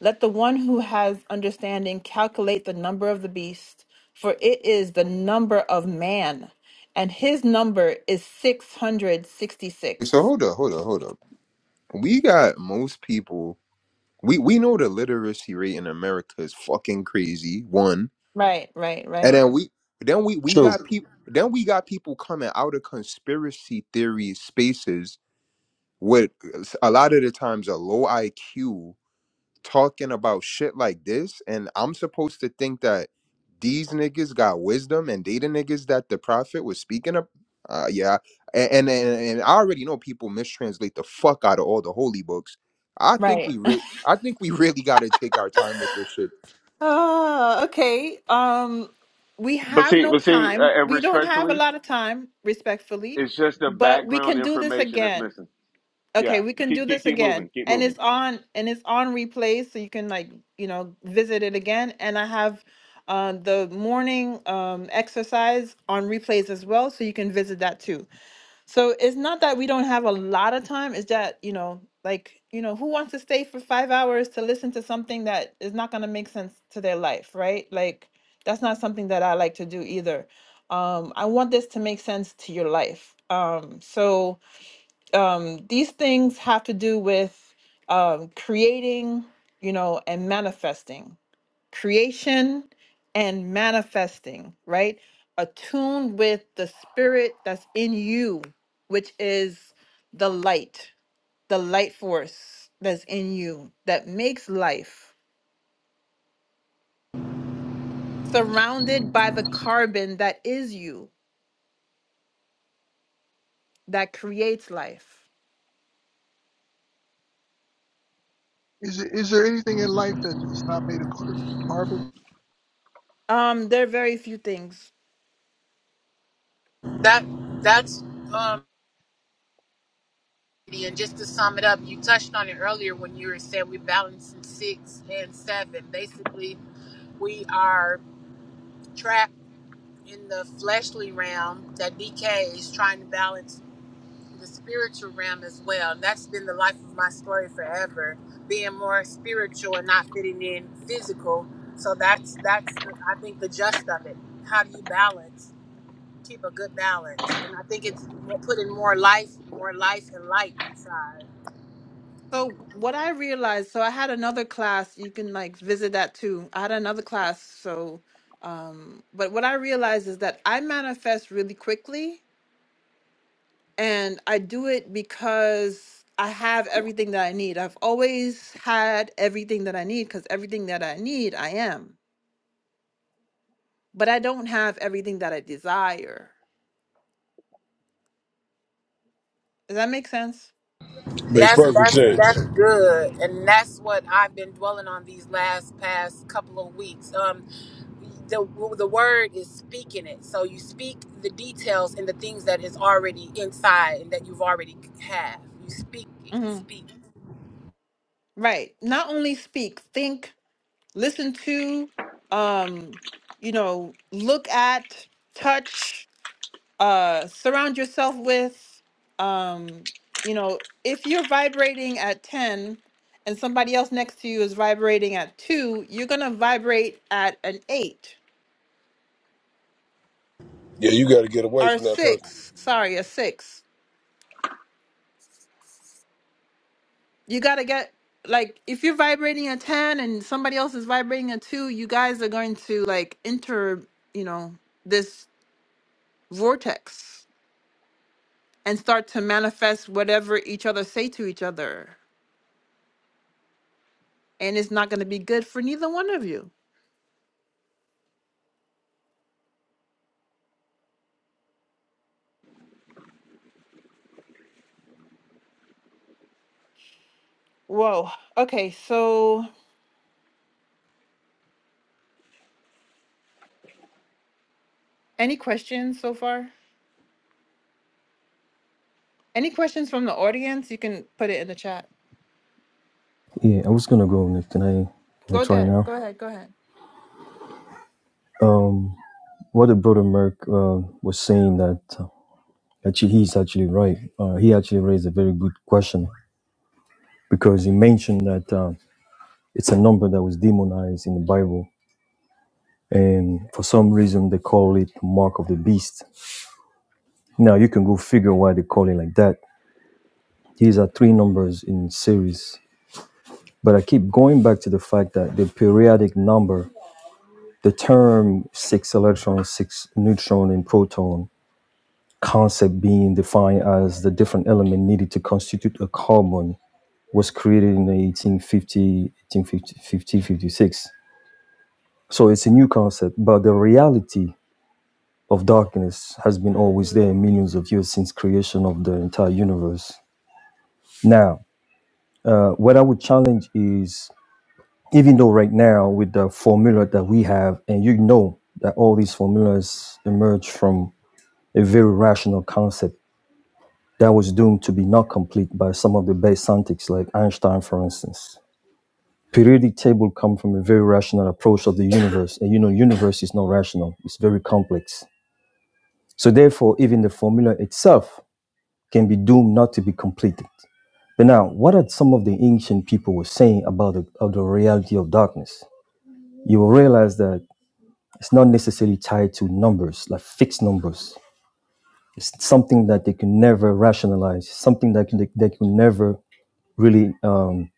Speaker 1: Let the one who has understanding calculate the number of the beast, for it is the number of man, and his number is 660 six hundred
Speaker 4: So
Speaker 1: sixty-six."
Speaker 4: hold up, hold up, hold up. We got most people we we know the literacy rate in America is fucking crazy. One.
Speaker 1: Right, right,
Speaker 4: And
Speaker 1: right,
Speaker 4: then we then we we
Speaker 6: True,
Speaker 4: got people then we got people coming out of conspiracy theory spaces with a lot of the times a low IQ talking about shit like this, and I'm supposed to think that these niggas got wisdom and they the niggas that the prophet was speaking of. Uh, yeah, and, and and and I already know people mistranslate the fuck out of all the holy books. I think
Speaker 1: right.
Speaker 4: we really, I think we really got to take our time with this shit.
Speaker 1: Oh, okay. Um, we
Speaker 3: But
Speaker 1: have
Speaker 3: see,
Speaker 1: no
Speaker 3: but see,
Speaker 1: time.
Speaker 3: uh, and
Speaker 1: We don't have a
Speaker 3: respectfully,
Speaker 1: lot of time, respectfully,
Speaker 3: it's just the
Speaker 1: but we
Speaker 3: background
Speaker 1: can do this
Speaker 3: information that's
Speaker 1: again.
Speaker 3: missing.
Speaker 1: Okay,
Speaker 3: Yeah,
Speaker 1: we can do
Speaker 3: keep keep
Speaker 1: this
Speaker 3: keep
Speaker 1: again.
Speaker 3: moving, keep
Speaker 1: And it's
Speaker 3: moving.
Speaker 1: on and it's on replay so you can like, you know, visit it again. And I have um the morning um exercise on replays as well so you can visit that too. So it's not that we don't have a lot of time, it's that, you know, like, you know, who wants to stay for 5 hours to listen to something that is not going to make sense to their life, right? Like that's not something that I like to do either. Um I want this to make sense to your life. Um so um, these things have to do with um, creating, you know, and manifesting, creation and manifesting, right? Attuned with the spirit that's in you, which is the light, the light force that's in you that makes life, surrounded by the carbon that is you that creates life.
Speaker 7: Is there, is there anything in life that is not made of car- carbon?
Speaker 1: Um, there are very few things
Speaker 2: that that's um and just to sum it up you touched on it earlier when you were saying we balance in six and seven basically we are trapped in the fleshly realm that decays trying to balance the spiritual realm as well. And that's been the life of my story forever, being more spiritual and not fitting in physical. So that's that's the, I think the gist of it. How do you balance? Keep a good balance, and I think it's more, putting more life, more life and light inside.
Speaker 1: So what I realized, so I had another class, you can like visit that too. I had another class, so um but what I realized is that I manifest really quickly and I do it because I have everything that I need. I've always had everything that I need because everything that I need, I am. But I don't have everything that I desire. Does that make sense?
Speaker 6: makes
Speaker 2: That's
Speaker 6: perfect
Speaker 2: that's
Speaker 6: sense.
Speaker 2: that's good, and that's what I've been dwelling on these last past couple of weeks. Um, the the word is speaking it. So you speak the details and the things that is already inside and that you've already have. You speak it.
Speaker 1: hmm
Speaker 2: Speak.
Speaker 1: Right. Not only speak, think listen to um you know look at touch uh surround yourself with um you know if you're vibrating at 10 and somebody else next to you is vibrating at 2 you're going to vibrate at an 8
Speaker 6: Yeah, you got to get away
Speaker 1: or
Speaker 6: from that person.
Speaker 1: 6 sorry a 6 you got to get like if you're vibrating at 10 and somebody else is vibrating at 2 you guys are going to like enter you know this vortex and start to manifest whatever each other say to each other. And it's not going to be good for neither one of you. Whoa. Okay. So, any questions so far? Any questions from the audience? You can put it in the chat.
Speaker 5: Yeah, I was gonna go next. Can I can I
Speaker 1: Go
Speaker 5: try
Speaker 1: ahead.
Speaker 5: now?
Speaker 1: Go ahead. Go ahead.
Speaker 5: Um, what the brother Merck uh, was saying that uh, actually he's actually right. Uh, he actually raised a very good question because he mentioned that uh, it's a number that was demonized in the Bible, and for some reason they call it mark of the beast. Now you can go figure why they call it like that. These are three numbers in series, but I keep going back to the fact that the periodic number, the term six electron, six neutron, and proton concept being defined as the different element needed to constitute a carbon was created in 1850, 1850, 56. So it's a new concept, but the reality of darkness has been always there millions of years since creation of the entire universe. Now, uh, what I would challenge is, even though right now with the formula that we have, and you know that all these formulas emerge from a very rational concept that was doomed to be not complete by some of the base scientists like Einstein, for instance. Periodic table come from a very rational approach of the universe, and you know, universe is not rational; it's very complex. So therefore, even the formula itself can be doomed not to be completed. But now, what are some of the ancient people were saying about the, of the reality of darkness? You will realize that it's not necessarily tied to numbers, like fixed numbers. It's something that they can never rationalize, something that can, they, they can never really um,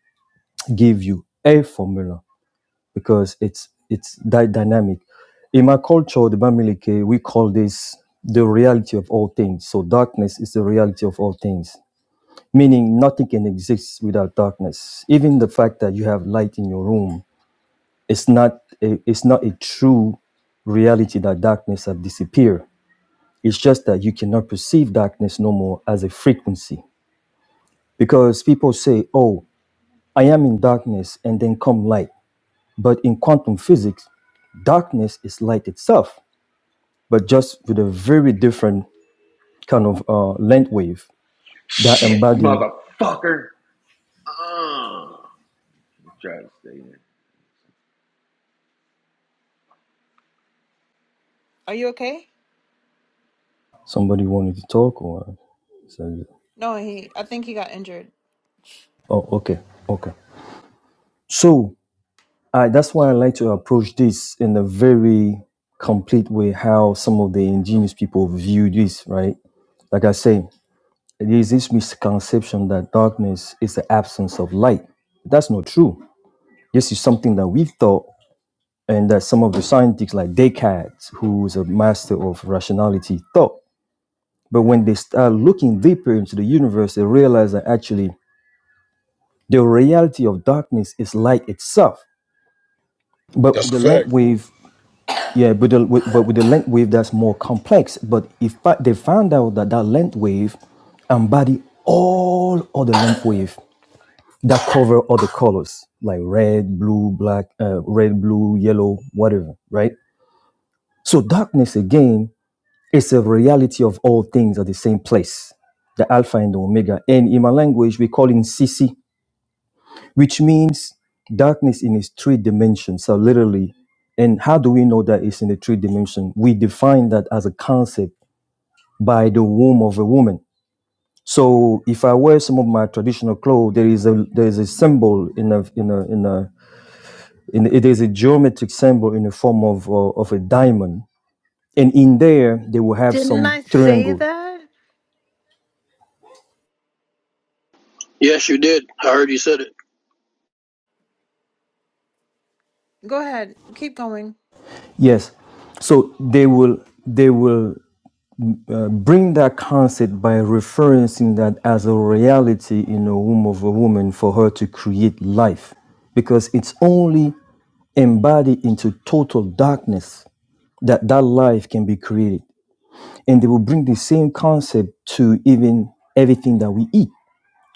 Speaker 5: give you a formula because it's it's dy- dynamic. In my culture, the Bamileke, we call this the reality of all things. So darkness is the reality of all things, meaning nothing can exist without darkness. Even the fact that you have light in your room, it's not a, it's not a true reality that darkness have disappeared. It's just that you cannot perceive darkness no more as a frequency because people say, "Oh, I am in darkness," and then come light But in quantum physics, darkness is light itself, but just with a very different kind of uh, length wave that
Speaker 3: Shit,
Speaker 5: embody.
Speaker 3: motherfucker. Uh, I'm trying to stay in.
Speaker 1: Are you okay?
Speaker 5: Somebody wanted to talk, or so-
Speaker 1: No, he, I think he got injured.
Speaker 5: oh, okay, okay. So I, that's why I like to approach this in a very complete way. How some of the ingenious people view this, right? Like I say, there is this misconception that darkness is the absence of light. That's not true. This is something that we thought and that some of the scientists like Descartes, who is a master of rationality, thought. But when they start looking deeper into the universe, they realize that actually the reality of darkness is light itself. But
Speaker 6: That's
Speaker 5: with
Speaker 6: a
Speaker 5: the
Speaker 6: fact.
Speaker 5: length wave, yeah, but, the, with, but with the length wave, that's more complex. But if I, they found out that that length wave embody all other length wave that cover other colors like red, blue, black, uh, red, blue, yellow, whatever, right? So darkness again It's a reality of all things at the same place, the Alpha and the Omega. And in my language, we call it Sisi, which means darkness in its three dimensions. So literally, and how do we know that it's in the three dimension? We define that as a concept by the womb of a woman. So if I wear some of my traditional clothes, there is a there is a symbol in a in a in a in it is a geometric symbol in the form of uh, of a diamond, and in there they will have
Speaker 1: Didn't I
Speaker 5: some
Speaker 1: say
Speaker 5: triangle
Speaker 1: that?
Speaker 8: Yes, you did. I heard you said it.
Speaker 1: Go ahead. Keep going.
Speaker 5: Yes. So they will they will uh, bring that concept by referencing that as a reality in the womb of a woman for her to create life, because it's only embodied into total darkness that that life can be created. And they will bring the same concept to even everything that we eat.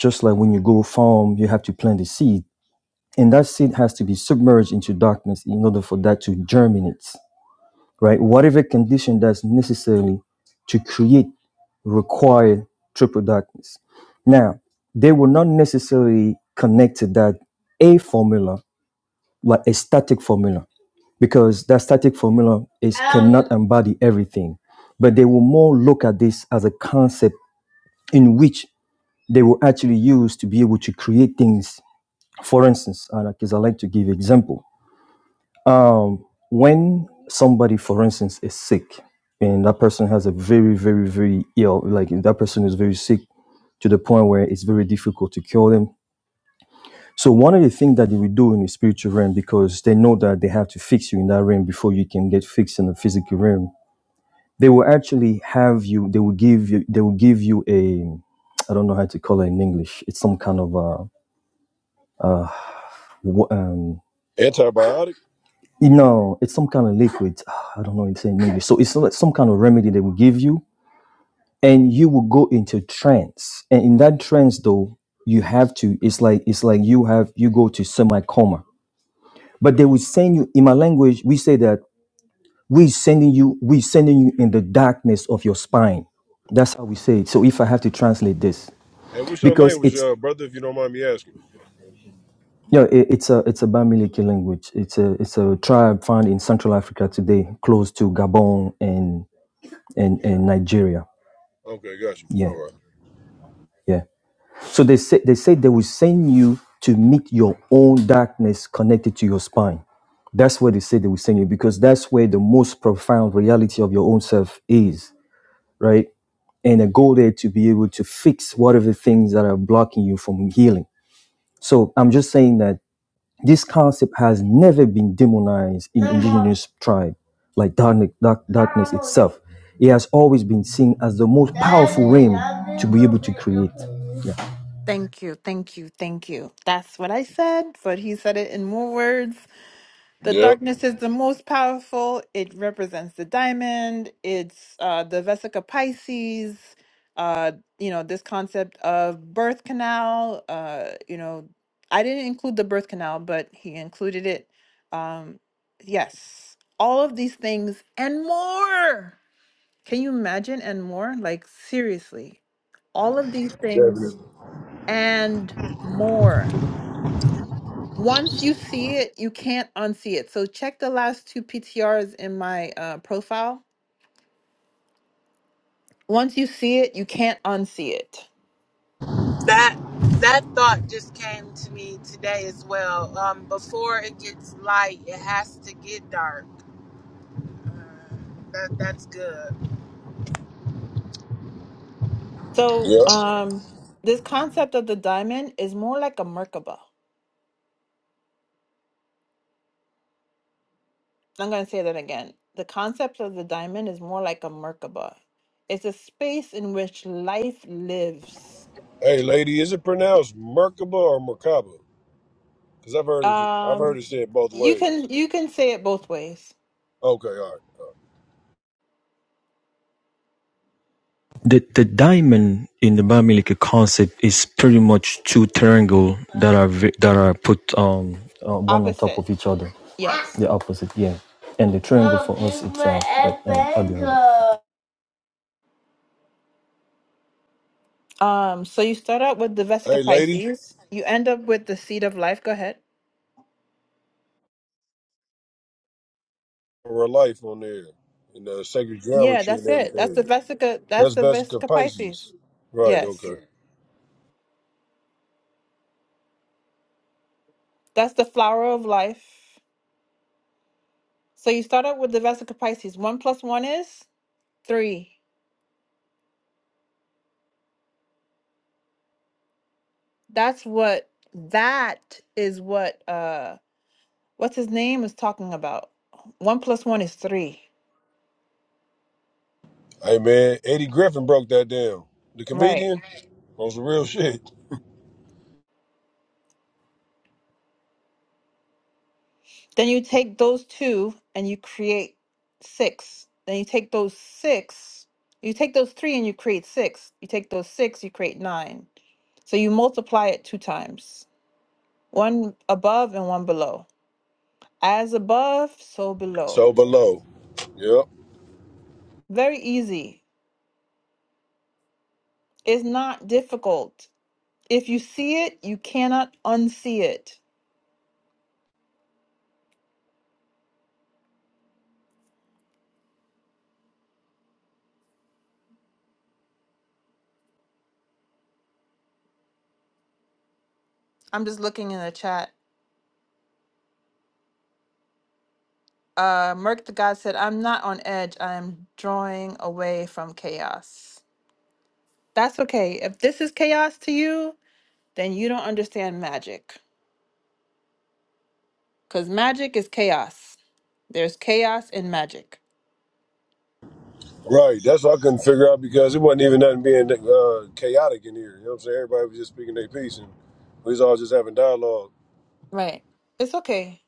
Speaker 5: Just like when you go farm, you have to plant a seed, and that seed has to be submerged into darkness in order for that to germinate. right? Whatever condition that's necessary to create require triple darkness. Now, they will not necessarily connect to that a formula, like a static formula, because that static formula is cannot embody everything. But they will more look at this as a concept in which they will actually use to be able to create things. For instance, because I like to give example. Um, when somebody, for instance, is sick, and that person has a very, very, very ill, like if that person is very sick to the point where it's very difficult to cure them. So one of the things that they will do in the spiritual realm, because they know that they have to fix you in that realm before you can get fixed in the physical realm, they will actually have you. They will give you. They will give you a. I don't know how to call it in English. It's some kind of a. Uh, wo- um,
Speaker 6: Antibiotic.
Speaker 5: You know, it's some kind of liquid. I don't know what it's in English. So it's like some kind of remedy they will give you, and you will go into trance. And in that trance, though, you have to. It's like it's like you have you go to semi coma. But they will send you. In my language, we say that we sending you. We sending you in the darkness of your spine. That's how we say it. So if I have to translate this,
Speaker 6: Hey, what's your name?
Speaker 5: because
Speaker 6: Was
Speaker 5: it's
Speaker 6: your brother, if you don't mind me asking?
Speaker 5: you know, it, it's a it's a Bamileke language. It's a it's a tribe found in Central Africa today, close to Gabon and in, in Nigeria.
Speaker 6: Okay, got you.
Speaker 5: Yeah,
Speaker 6: All right.
Speaker 5: yeah. So they say they say they will send you to meet your own darkness connected to your spine. That's where they say they will send you because that's where the most profound reality of your own self is, right? And I go there to be able to fix whatever things that are blocking you from healing. So I'm just saying that This concept has never been demonized in indigenous tribe, like darkness, dark, darkness itself. It has always been seen as the most powerful realm to be able to create. Yeah.
Speaker 1: Thank you. Thank you. Thank you. That's what I said, but he said it in more words. The
Speaker 6: Yep.
Speaker 1: darkness is the most powerful. It represents the diamond. It's uh, the Vesica Pisces. Uh, you know this concept of birth canal. Uh, you know, I didn't include the birth canal, but he included it. Um, yes, all of these things and more. Can you imagine and more? Like seriously, all of these things
Speaker 6: Definitely.
Speaker 1: and more. Once you see it, you can't unsee it. So check the last two PTRs in my uh, profile. Once you see it, you can't unsee it.
Speaker 2: That that thought just came to me today as well. Um, before it gets light, it has to get dark. That that's good.
Speaker 1: So
Speaker 6: Yep.
Speaker 1: um, this concept of the diamond is more like a Merkaba. I'm going to say that again. The concept of the diamond is more like a Merkaba. It's a space in which life lives.
Speaker 6: Hey, lady, is it pronounced Merkaba or Merkaba? Because I've heard it, I've heard
Speaker 1: Um,
Speaker 6: it said both
Speaker 1: you can
Speaker 6: ways.
Speaker 1: you can say it both ways.
Speaker 6: Okay, all right.
Speaker 5: The, the diamond in the Bamileke concept is pretty much two triangles that are ve- that are put um uh, one on top
Speaker 1: Opposite,
Speaker 5: of each other,
Speaker 1: yes.
Speaker 5: the opposite, yeah. And the triangle for us it's uh, like, um, abalone.
Speaker 1: Um, so you start out with the
Speaker 6: Hey,
Speaker 1: Vesica
Speaker 6: lady,
Speaker 1: Pisces. You end up with the seed of life. Go ahead.
Speaker 6: real life on there and uh, sacred
Speaker 1: Yeah,
Speaker 6: geometry and
Speaker 1: that's it. That's the
Speaker 6: everything.
Speaker 1: Vesica. That's
Speaker 6: That's
Speaker 1: the
Speaker 6: Vesica
Speaker 1: Vesica
Speaker 6: Pisces.
Speaker 1: Pisces.
Speaker 6: Right.
Speaker 1: Yes,
Speaker 6: Okay.
Speaker 1: that's the flower of life. So you start out with the Vesica Pisces. One plus one is three. That's what. That is what. Uh, what's his name is talking about. One plus one is three.
Speaker 6: Hey, man, Eddie Griffin broke that down. The
Speaker 1: Right.
Speaker 6: comedian on some real shit.
Speaker 1: Then you take those two and you create six. Then you take those six, you take those three and you create six. You take those six, you create nine. So you multiply it two times one above and one below. As above, so
Speaker 6: So
Speaker 1: below.
Speaker 6: below. Yep.
Speaker 1: Very easy. It's not difficult. If you see it, you cannot unsee it. I'm just looking in the chat. Uh, Merc the God said, I'm not on edge. I am drawing away from chaos. That's okay. If this is chaos to you, then you don't understand magic. Because magic is chaos. There's chaos in magic.
Speaker 6: Right, that's what I couldn't figure out because it wasn't even nothing being uh, chaotic in here. You know what I'm saying? Everybody was just speaking their piece and we was all just having dialogue.
Speaker 1: Right. It's okay.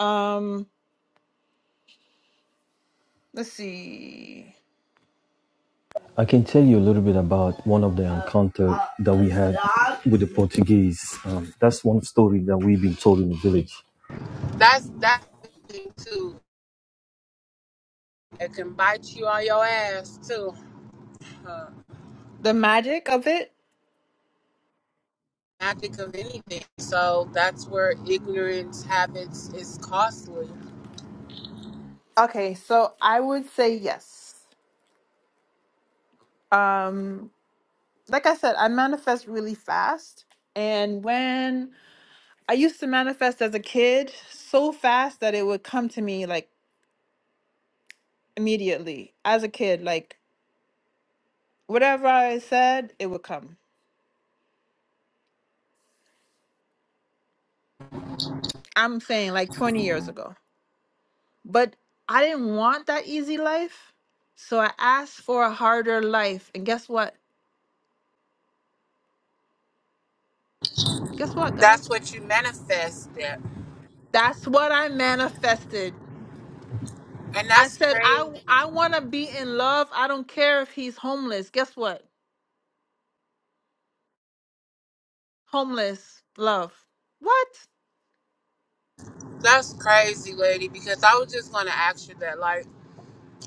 Speaker 1: Um, let's see.
Speaker 5: I can tell you a little bit about one of the encounter that we had with the Portuguese. Um, that's one story that we've been told in the village.
Speaker 2: That's that's the thing too. It can bite you on your ass too. Uh,
Speaker 1: The magic of it.
Speaker 2: magic of anything. So that's where ignorance habits is costly.
Speaker 1: Okay, so I would say yes. Um, like I said, I manifest really fast. And when I used to manifest as a kid so fast that it would come to me like immediately as a kid, like whatever I said, it would come. I'm saying like 20 years ago. But I didn't want that easy life. So I asked for a harder life. And guess what? Guess what, guys?
Speaker 2: That's what you manifested.
Speaker 1: That's what I manifested.
Speaker 2: And
Speaker 1: I
Speaker 2: that's
Speaker 1: said
Speaker 2: crazy.
Speaker 1: I I want to be in love. I don't care if he's homeless. Guess what? Homeless love. What?
Speaker 2: That's crazy, lady, because I was just going to ask you that. Like,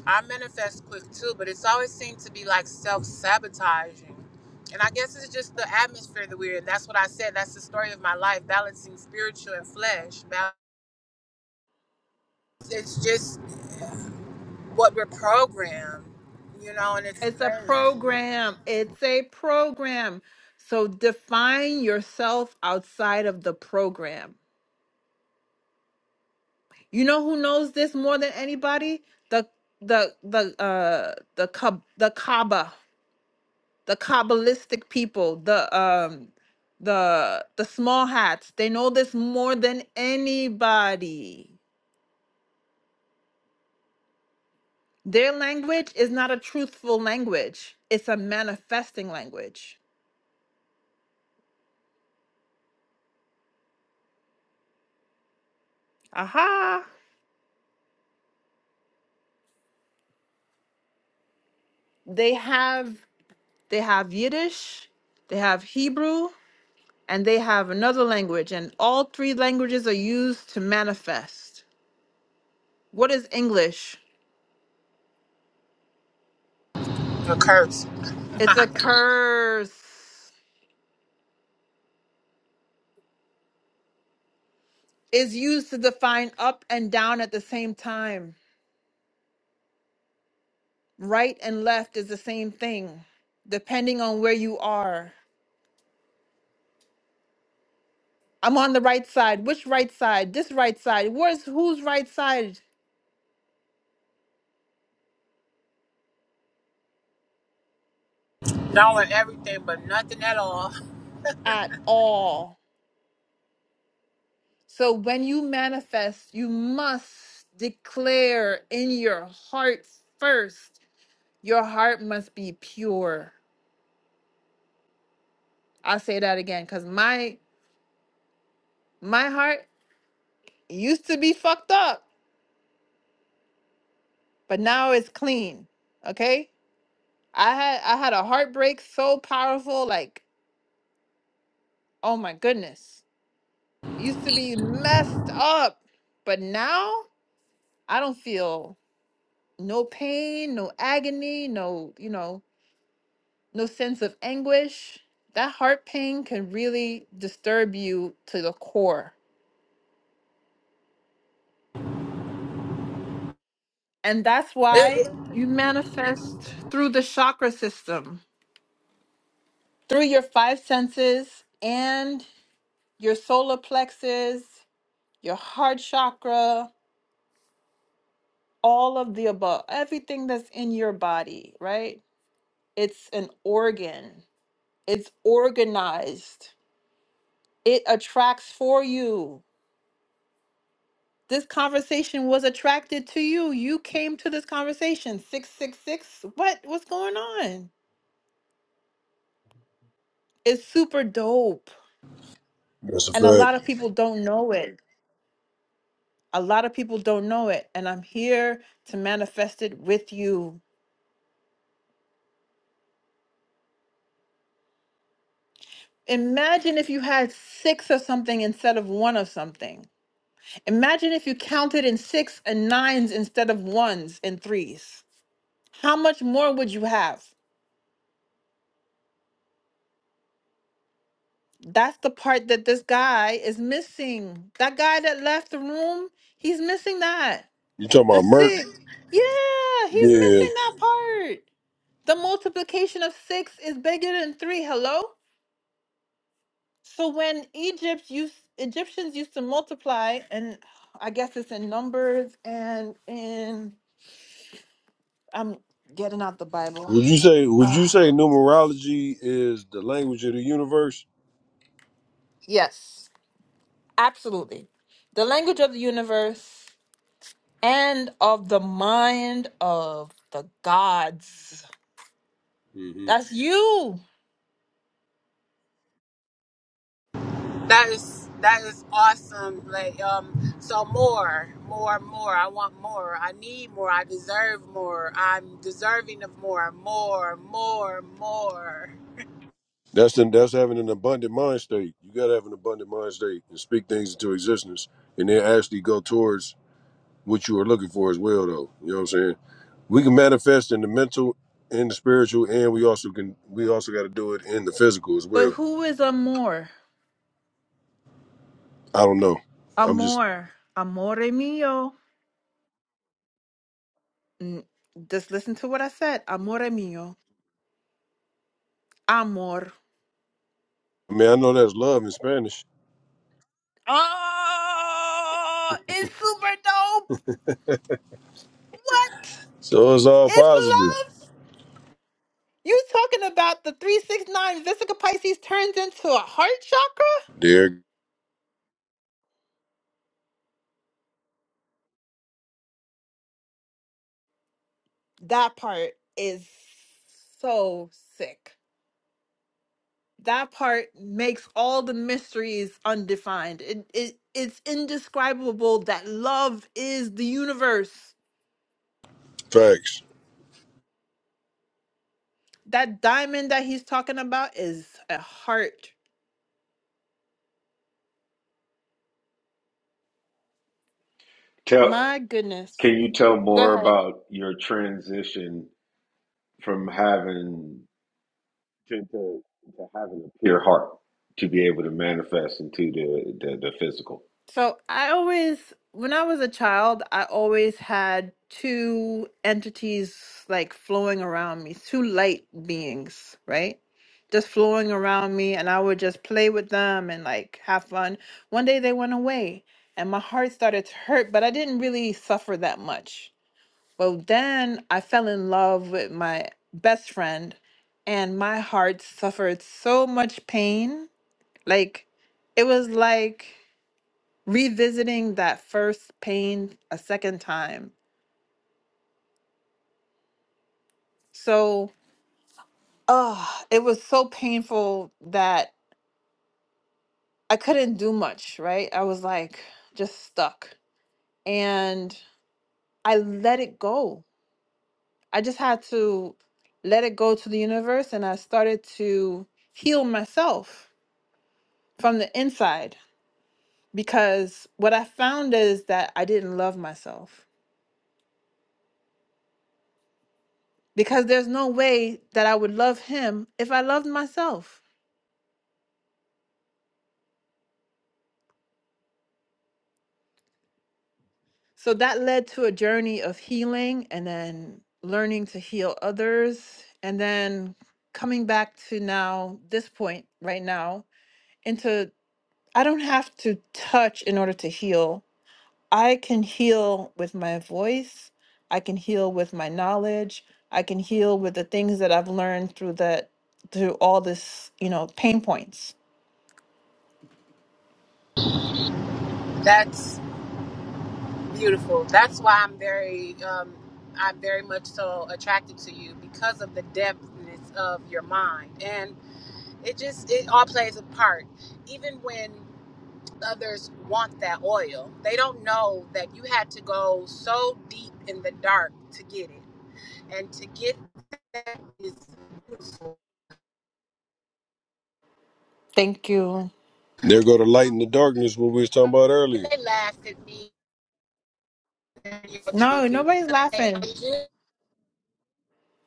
Speaker 2: I manifest quick too, but it's always seemed to be like self sabotaging. And I guess it's just the atmosphere that we're in. That's what I said. That's the story of my life, balancing spiritual and flesh. Bal- It's just what we're programmed, you know, and it's
Speaker 1: It's a
Speaker 2: crazy.
Speaker 1: program. It's a program. So define yourself outside of the program You know who knows this more than anybody? The the the uh the Kab- the Kaaba, the Kabbalistic people, the um the the small hats. They know this more than anybody. Their language is not a truthful language. It's a manifesting language. Aha. They have they have Yiddish, they have Hebrew, and they have another language and all three languages are used to manifest. What is English?
Speaker 2: A curse.
Speaker 1: It's a curse. Is used to define up and down at the same time. Right and left is the same thing, depending on where you are. I'm on the right side. Which right side? This right side. Where's whose right side
Speaker 2: Knowing everything, but nothing at all.
Speaker 1: at all? So when you manifest, you must declare in your heart first. Your heart must be pure. I'll say that again because my my heart used to be fucked up, but now it's clean. Okay? I had I had a heartbreak so powerful, like, oh my goodness. Used to be messed up, but now I don't feel no pain, no agony, no, you know, no sense of anguish. That heart pain can really disturb you to the core. And that's why you manifest through the chakra system, through your five senses, and. your solar plexus, your heart chakra, all of the above, everything that's in your body, right? It's an organ, it's organized, it attracts for you. This conversation was attracted to you. You came to this conversation. 666. What? What's going on? It's super dope.
Speaker 6: That's a
Speaker 1: And a
Speaker 6: fact.
Speaker 1: lot of people don't know it. A lot of people don't know it. And I'm here to manifest it with you. Imagine if you had six of something instead of one of something. Imagine if you counted in six and nines instead of ones and threes. How much more would you have? That's the part that this guy is missing. That guy that left the room, he's missing that.
Speaker 6: You talking
Speaker 1: The
Speaker 6: about Merc?
Speaker 1: six. Yeah, he's
Speaker 6: Yeah.
Speaker 1: missing that part. The multiplication of six is bigger than three. Hello? So when Egypt used Egyptians used to multiply, and I guess it's in Numbers and in I'm getting out the Bible.
Speaker 6: Would you say Would you say
Speaker 1: Ah,
Speaker 6: numerology is the language of the universe?
Speaker 1: yes, absolutely. The language of the universe and of the mind of the gods.
Speaker 6: hmm
Speaker 1: That's you.
Speaker 2: That is that is awesome. Like um, so more, more, more. I want more. I need more. I deserve more. I'm deserving of more, more, more, more.
Speaker 6: That's the, that's having an abundant mind state. You gotta have an abundant mind state and speak things into existence, and then actually go towards what you are looking for as well. Though you know what I'm saying? We can manifest in the mental, in the spiritual, and we also can we also got to do it in the physical as
Speaker 1: But
Speaker 6: well.
Speaker 1: who is Amor?
Speaker 6: I don't know. I'm just.
Speaker 1: Amor. Amore mio. Mm, Just listen to what I said. Amore mio. Amor.
Speaker 6: I mean, I know that's love in Spanish,
Speaker 1: Oh, it's super dope. What?
Speaker 6: so it's all
Speaker 1: It's
Speaker 6: positive.
Speaker 1: love. You talking about the 369 Vesica Pisces turns into a heart chakra?
Speaker 6: There,
Speaker 1: That part is so sick. That part makes all the mysteries undefined. It, it it's indescribable that love is the universe.
Speaker 6: facts.
Speaker 1: That diamond that he's talking about is a heart.
Speaker 3: Tell
Speaker 1: My goodness.
Speaker 3: Can you tell
Speaker 1: Go
Speaker 3: more
Speaker 1: ahead.
Speaker 3: about your transition from having to, to, to having a pure heart to be able to manifest into the, the, the physical?
Speaker 1: So I always, when I was a child, I always had two entities like flowing around me, two light beings, right? Just flowing around me, and I would just play with them and like have fun. One day they went away, and my heart started to hurt, but I didn't really suffer that much. Well, then I fell in love with my best friend, and my heart suffered so much pain. Like, it was like, revisiting that first pain a second time. So, oh, it was so painful that I couldn't do much, right? I was like just stuck. And I let it go. I just had to let it go to the universe and I started to heal myself from the inside because what I found is that I didn't love myself. Because there's no way that I would love him if I loved myself. So that led to a journey of healing and then learning to heal others and then coming back to now this point right now into I don't have to touch in order to heal. I can heal with my voice. I can heal with my knowledge. I can heal with the things that I've learned through that through all this, you know, pain points.
Speaker 2: That's beautiful. That's why I'm very um, I'm very much so attracted to you because of the depthness of your mind, and it just it all plays a part. Even when others want that oil, they don't know that you had to go so deep in the dark to get it And to get that is,
Speaker 1: Thank you.
Speaker 6: There go the light in the darkness. What we was talking about
Speaker 2: and
Speaker 6: earlier.
Speaker 2: they laughed at me. You're
Speaker 1: No,
Speaker 2: joking,
Speaker 1: nobody's
Speaker 2: but they, I
Speaker 1: laughing.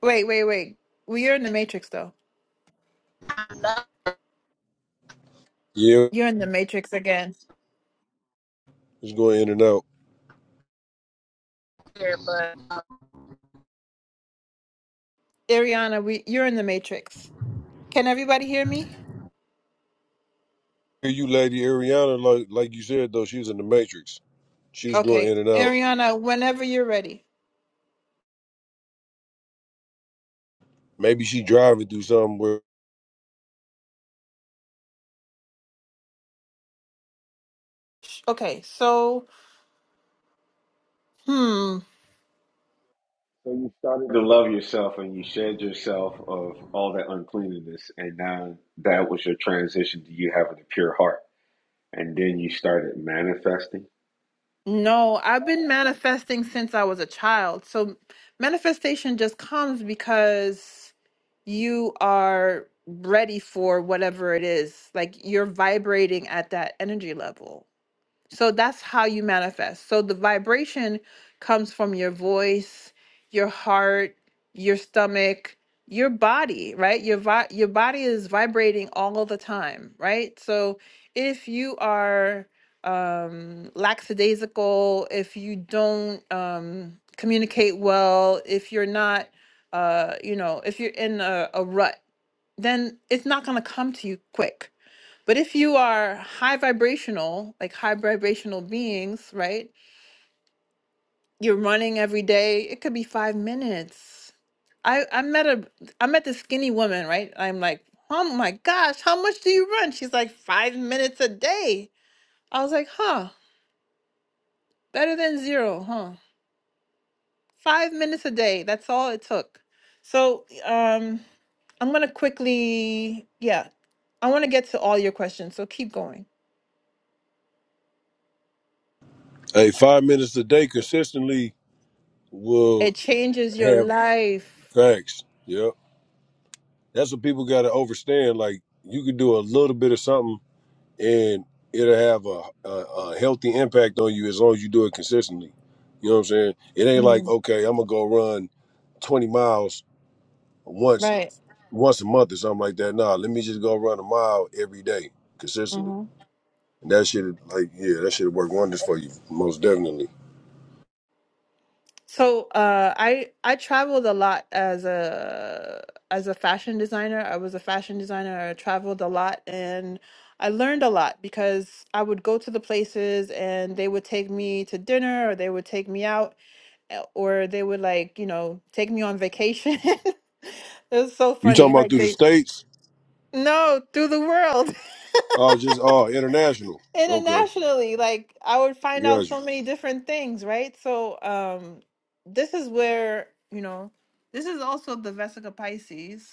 Speaker 1: Wait, wait, wait. Well, you're in the matrix though.
Speaker 2: love
Speaker 6: Yeah,
Speaker 1: You're in the matrix again.
Speaker 6: it's going in and out.
Speaker 2: her. But um,
Speaker 1: Ariana, we you're in the matrix. Can everybody hear me?
Speaker 6: Hear You, Lady Ariana, like like you said though, she was in the Matrix. She was going
Speaker 1: Okay.
Speaker 6: in and out.
Speaker 1: Ariana, whenever you're ready.
Speaker 6: Maybe she driving through something where
Speaker 1: Sh- Okay, so hmm.
Speaker 3: So you started to love yourself and you shed yourself of all that uncleanliness, and now that was your transition to you having a pure heart. And then you started manifesting.
Speaker 1: No, I've been manifesting since I was a child. So manifestation just comes because you are ready for whatever it is. Like you're vibrating at that energy level. So that's how you manifest. So the vibration comes from your voice, your heart, your stomach, your body, right? Your vi- your body is vibrating all the time, right? So if you are um lackadaisical, if you don't um communicate well, if you're not uh you know, if you're in a, a rut, then it's not going to come to you quick but if you are high vibrational, like high vibrational beings, right? You're running every day. It could be five minutes. I I met a I met this skinny woman, right? I'm like, oh my gosh, how much do you run? She's like five minutes a day. I was like, huh, better than zero, huh? Five minutes a day. That's all it took. So um, I'm gonna quickly, yeah, I want to get to all your questions. So keep going.
Speaker 6: hey, five minutes a day consistently will
Speaker 1: It changes your
Speaker 6: have
Speaker 1: life.
Speaker 6: facts. Yep That's what people got to understand. Like you can do a little bit of something, and it'll have a, a, a healthy impact on you as long as you do it consistently. You know what I'm saying? It ain't
Speaker 1: Mm-hmm.
Speaker 6: like okay, I'm gonna go run 20 miles once
Speaker 1: Right.
Speaker 6: once a month or something like that. Nah, let me just go run a mile every day consistently.
Speaker 1: hmm
Speaker 6: And that shit, like, yeah, that shit work wonders for you, most definitely.
Speaker 1: So uh, I I traveled a lot as a as a fashion designer. I was a fashion designer. I traveled a lot and I learned a lot because I would go to the places and they would take me to dinner or they would take me out eh, or they would like, you know, take me on vacation. It was so
Speaker 6: You
Speaker 1: funny.
Speaker 6: talking about
Speaker 1: Like
Speaker 6: through the
Speaker 1: they
Speaker 6: states?
Speaker 1: no, through the world.
Speaker 6: Oh, just oh, international. Okay,
Speaker 1: internationally like i would find out
Speaker 6: got you.
Speaker 1: so many different things right so um this is where you know this is also the vesica pisces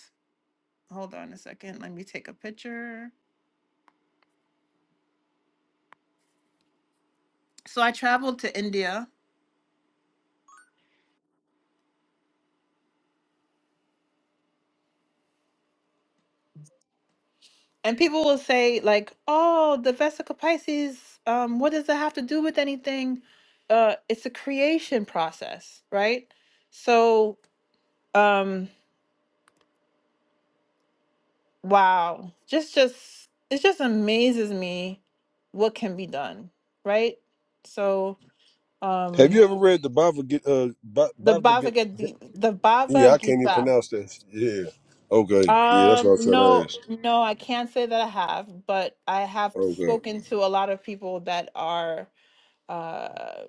Speaker 1: hold on a second let me take a picture so i traveled to india and people will say like oh the vesica pisces um what does it have to do with anything uh it's a creation process right so um Wow. Just just it just amazes me what can be done, right? So
Speaker 6: Have
Speaker 1: um
Speaker 6: you ever read the Bhagavad Gita? Uh, Ba-
Speaker 1: the
Speaker 6: Bhagavad Gita?
Speaker 1: Bhagavad Gita, the
Speaker 6: Yeah,
Speaker 1: Bhagavad
Speaker 6: I can't even
Speaker 1: Gita.
Speaker 6: pronounce that. Yeah. Okay. Yeah, that's what I
Speaker 1: Um
Speaker 6: was trying to
Speaker 1: no
Speaker 6: ask.
Speaker 1: no I can't say that I have, but I have
Speaker 6: Okay.
Speaker 1: spoken to a lot of people that are uh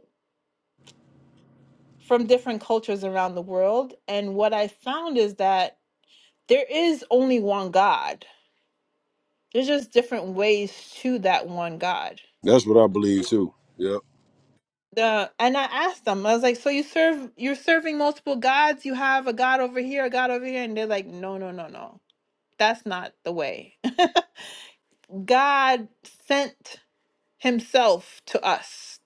Speaker 1: from different cultures around the world and what I found is that there is only one God. There's just different ways to that one God
Speaker 6: That's what I believe too. Yep.
Speaker 1: the and I asked them, I was like, so you serve you're serving multiple gods, you have a god over here, a god over here, and they're like, no, no, no, no. That's not the way. God sent himself to us.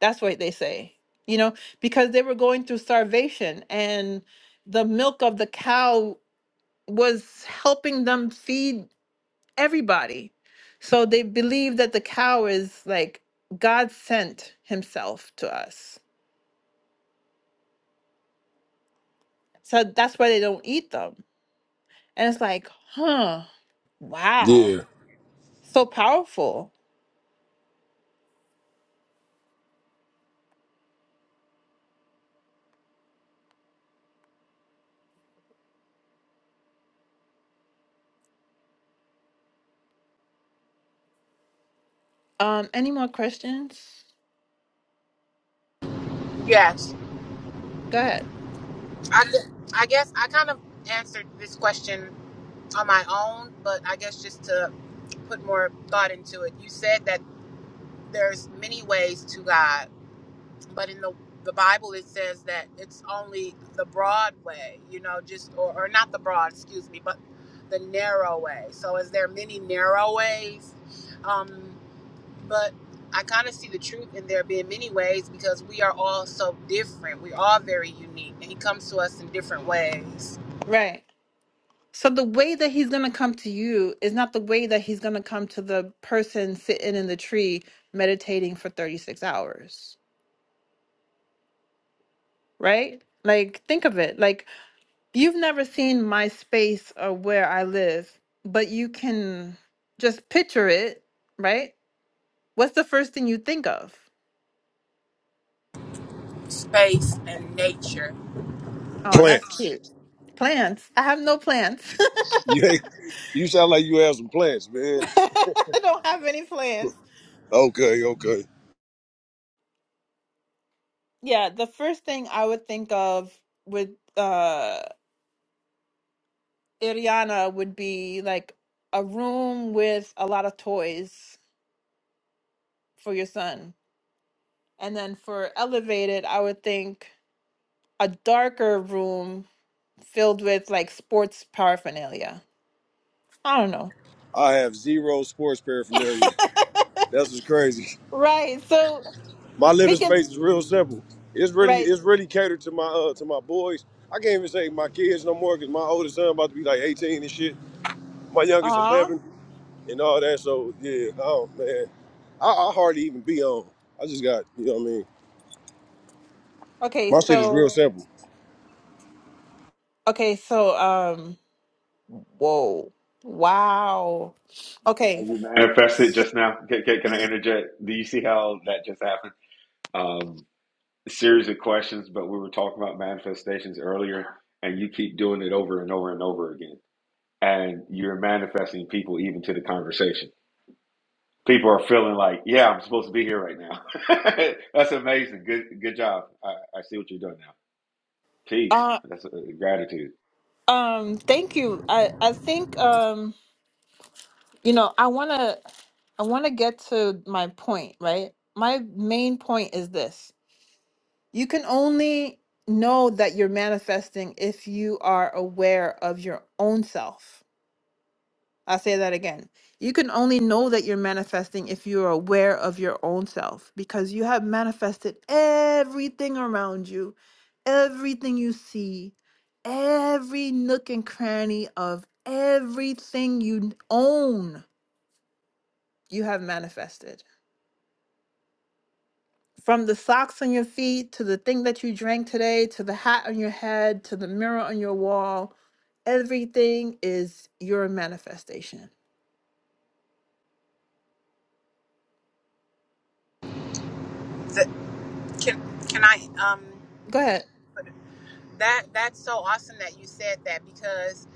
Speaker 1: That's what they say. You know, because they were going through starvation and the milk of the cow was helping them feed everybody. So they believe that the cow is like God sent himself to us. So that's why they don't eat them And it's like, huh, wow,
Speaker 6: Yeah.
Speaker 1: so powerful. Um, any more questions?
Speaker 2: yes,
Speaker 1: Go ahead.
Speaker 2: I, I guess I kind of answered this question on my own, but I guess just to put more thought into it, you said that there's many ways to God, but in the the Bible it says that it's only the broad way, you know, just or, or not the broad, excuse me, but the narrow way. So is there many narrow ways? Um, but I kind of see the truth in there being many ways because we are all so different. We are very unique, and He comes to us in different ways,
Speaker 1: Right. So the way that he's gonna come to you is not the way that he's gonna come to the person sitting in the tree meditating for 36 hours, right? Like, think of it. Like, you've never seen my space or where I live, but you can just picture it, right? What's the first thing you think of?
Speaker 2: space and nature.
Speaker 1: Oh, that's
Speaker 6: Plants.
Speaker 1: cute. Plants. I have no plants.
Speaker 6: You ain't, you sound like you have some plants, man.
Speaker 1: I don't have any plans.
Speaker 6: Okay, okay.
Speaker 1: Yeah, the first thing I would think of with uh Iriana would be like a room with a lot of toys for your son. And then for Elevated, I would think a darker room filled with like sports paraphernalia. I don't know.
Speaker 6: I have zero sports paraphernalia. That's what's crazy.
Speaker 1: Right. So
Speaker 6: My
Speaker 1: we
Speaker 6: living
Speaker 1: can
Speaker 6: space is real simple. It's really
Speaker 1: right.
Speaker 6: it's really catered to my uh to my boys. I can't even say my kids no more because my oldest son about to be like 18 and shit. My youngest
Speaker 1: Uh-huh.
Speaker 6: 11 and all that. So yeah, oh man. I, I hardly even be on. I just got, you know what I mean?
Speaker 1: Okay,
Speaker 6: My shit is
Speaker 1: so
Speaker 6: real simple.
Speaker 1: okay, so um whoa. Wow.
Speaker 3: See How
Speaker 1: Okay.
Speaker 3: you manifested just now? Can, can, can I interject? Do you see how that just happened? Um, series of questions, but we were talking about manifestations earlier, and you keep doing it over and over and over again. And you're manifesting people even to the conversation. People are feeling like, yeah, I'm supposed to be here right now. That's amazing. Good good job. I, I see what you're doing now. Peace.
Speaker 1: Uh,
Speaker 3: That's uh, gratitude.
Speaker 1: um, thank you. I, I think um, you know, I wanna I wanna get to my point, right? My main point is this. You can only know that you're manifesting if you are aware of your own self. i say that again. You can only know that you're manifesting if you are aware of your own self because you have manifested everything around you, everything you see, every nook and cranny of everything you own, you have manifested. From the socks on your feet to the thing that you drank today to the hat on your head to the mirror on your wall, everything is your manifestation.
Speaker 2: The, can can I? Um,
Speaker 1: Go ahead.
Speaker 2: that that's so awesome that you said that because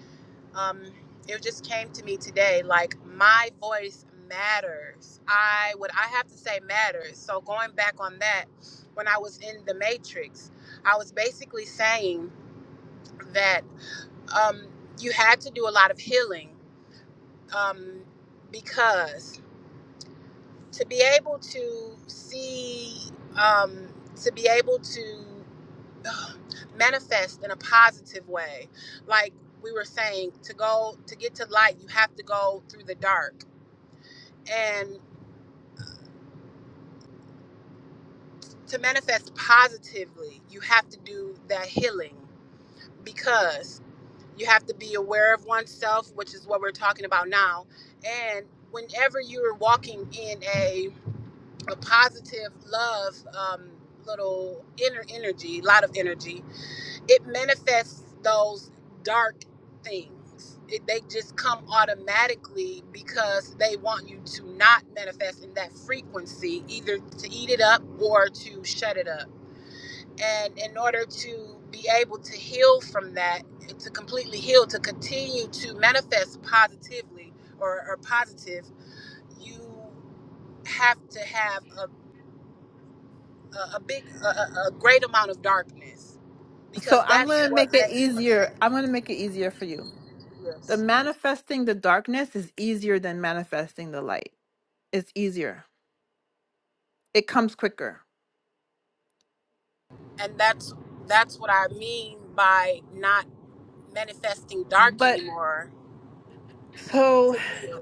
Speaker 2: um, it just came to me today. Like my voice matters. I what I have to say matters. So going back on that, when I was in the Matrix, I was basically saying that. um, you had to do a lot of healing um, because to be able to see, um, to be able to ugh, manifest in a positive way, like we were saying, to go to get to light, you have to go through the dark, and to manifest positively, you have to do that healing because you have to be aware of oneself, which is what we're talking about now, and whenever you're walking in a a positive love um, little inner energy, a lot of energy. It manifests those dark things. It, they just come automatically because they want you to not manifest in that frequency, either to eat it up or to shut it up. And in order to be able to heal from that, to completely heal, to continue to manifest positively or, or positive, you have to have a. a, a big, a, a a great amount of darkness
Speaker 1: So
Speaker 2: because
Speaker 1: I'm
Speaker 2: that's
Speaker 1: going to
Speaker 2: what
Speaker 1: make it
Speaker 2: makes
Speaker 1: easier. I'm going to make it easier for you. The
Speaker 2: yes.
Speaker 1: manifesting the darkness is easier than manifesting the light. It's easier. It comes quicker.
Speaker 2: And that's that's what I mean by not manifesting dark
Speaker 1: But
Speaker 2: anymore
Speaker 1: so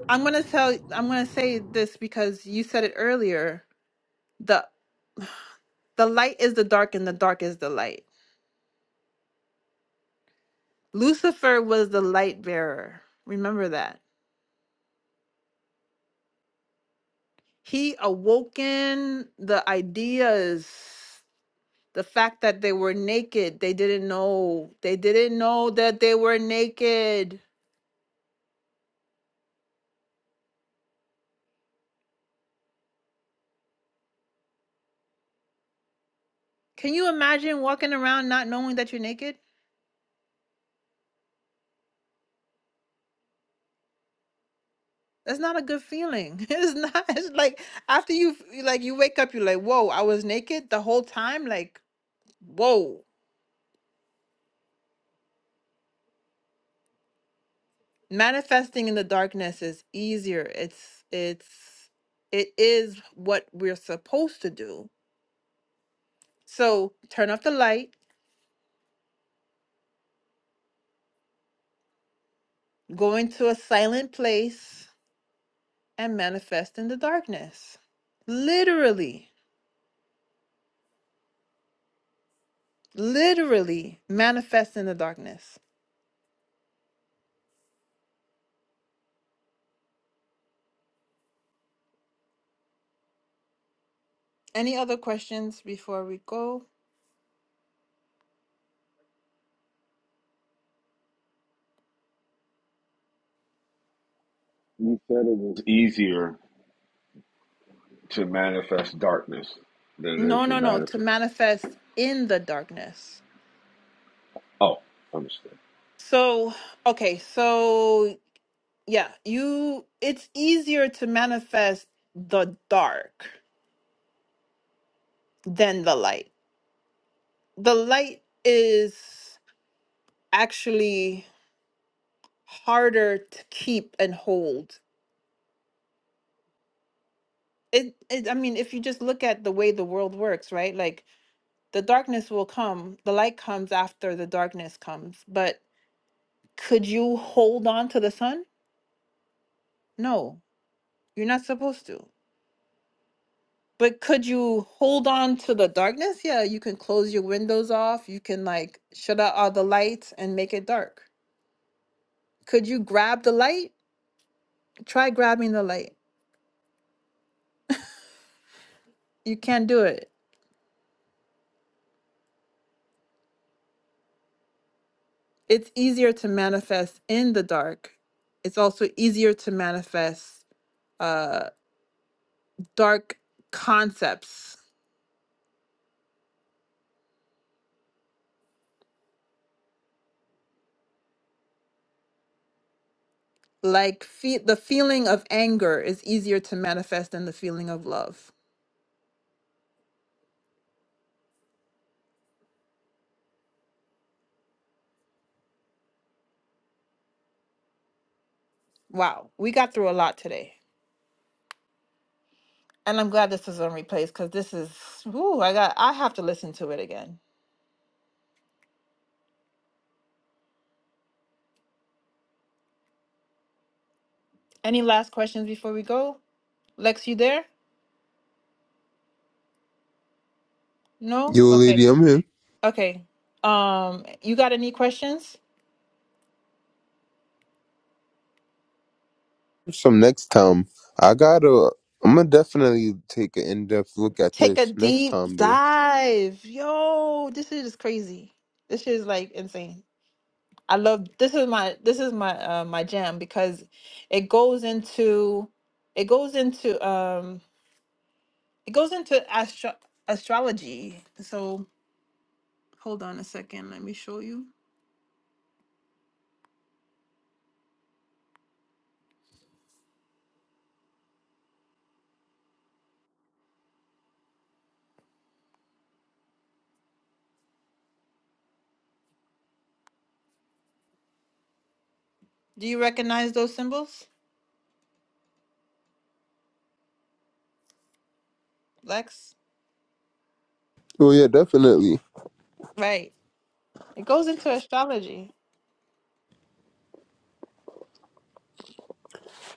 Speaker 1: I'm going to tell I'm going to say this because you said it earlier. The the light is the dark and the dark is the light. Lucifer was the light bearer. Remember that. He awoken the ideas the fact that they were naked they didn't know they didn't know that they were naked can you imagine walking around not knowing that you're naked that's not a good feeling it's not it's like after you f- like you wake up you're like whoa i was naked the whole time like whoa manifesting in the darkness is easier it's it's it is what we're supposed to do so turn off the light go into a silent place and manifest in the darkness. Literally, literally manifest in the darkness. Any other questions before we go?
Speaker 3: It's easier to manifest darkness than it
Speaker 1: No,
Speaker 3: is to
Speaker 1: no, no, to
Speaker 3: manifest.
Speaker 1: manifest in the darkness.
Speaker 3: Oh, understood.
Speaker 1: So, okay, so yeah, you it's easier to manifest the dark than the light. The light is actually harder to keep and hold it, it i mean if you just look at the way the world works right like the darkness will come the light comes after the darkness comes but could you hold on to the sun no you're not supposed to but could you hold on to the darkness yeah you can close your windows off you can like shut out all the lights and make it dark could you grab the light try grabbing the light you can't do it it's easier to manifest in the dark it's also easier to manifest uh dark concepts like fe- the feeling of anger is easier to manifest than the feeling of love. Wow, we got through a lot today. And I'm glad this is on replays because this is ooh, I got I have to listen to it again. Any last questions before we go? Lex, you there? No?
Speaker 4: Yo,
Speaker 1: Okay.
Speaker 4: lady, I'm here.
Speaker 1: Okay. Um, you got any questions?
Speaker 4: Some next time, I gotta. I'm gonna definitely take an in depth look at
Speaker 1: Take a
Speaker 4: this next
Speaker 1: deep
Speaker 4: time, though.
Speaker 1: dive. Yo, this shit is crazy. This shit is like insane. I love this is my this is my uh, my jam because it goes into it goes into um it goes into astro- astrology. So hold on a second, let me show you. Do you recognize those symbols, Lex?
Speaker 4: Oh yeah, definitely.
Speaker 1: Right. It goes into astrology.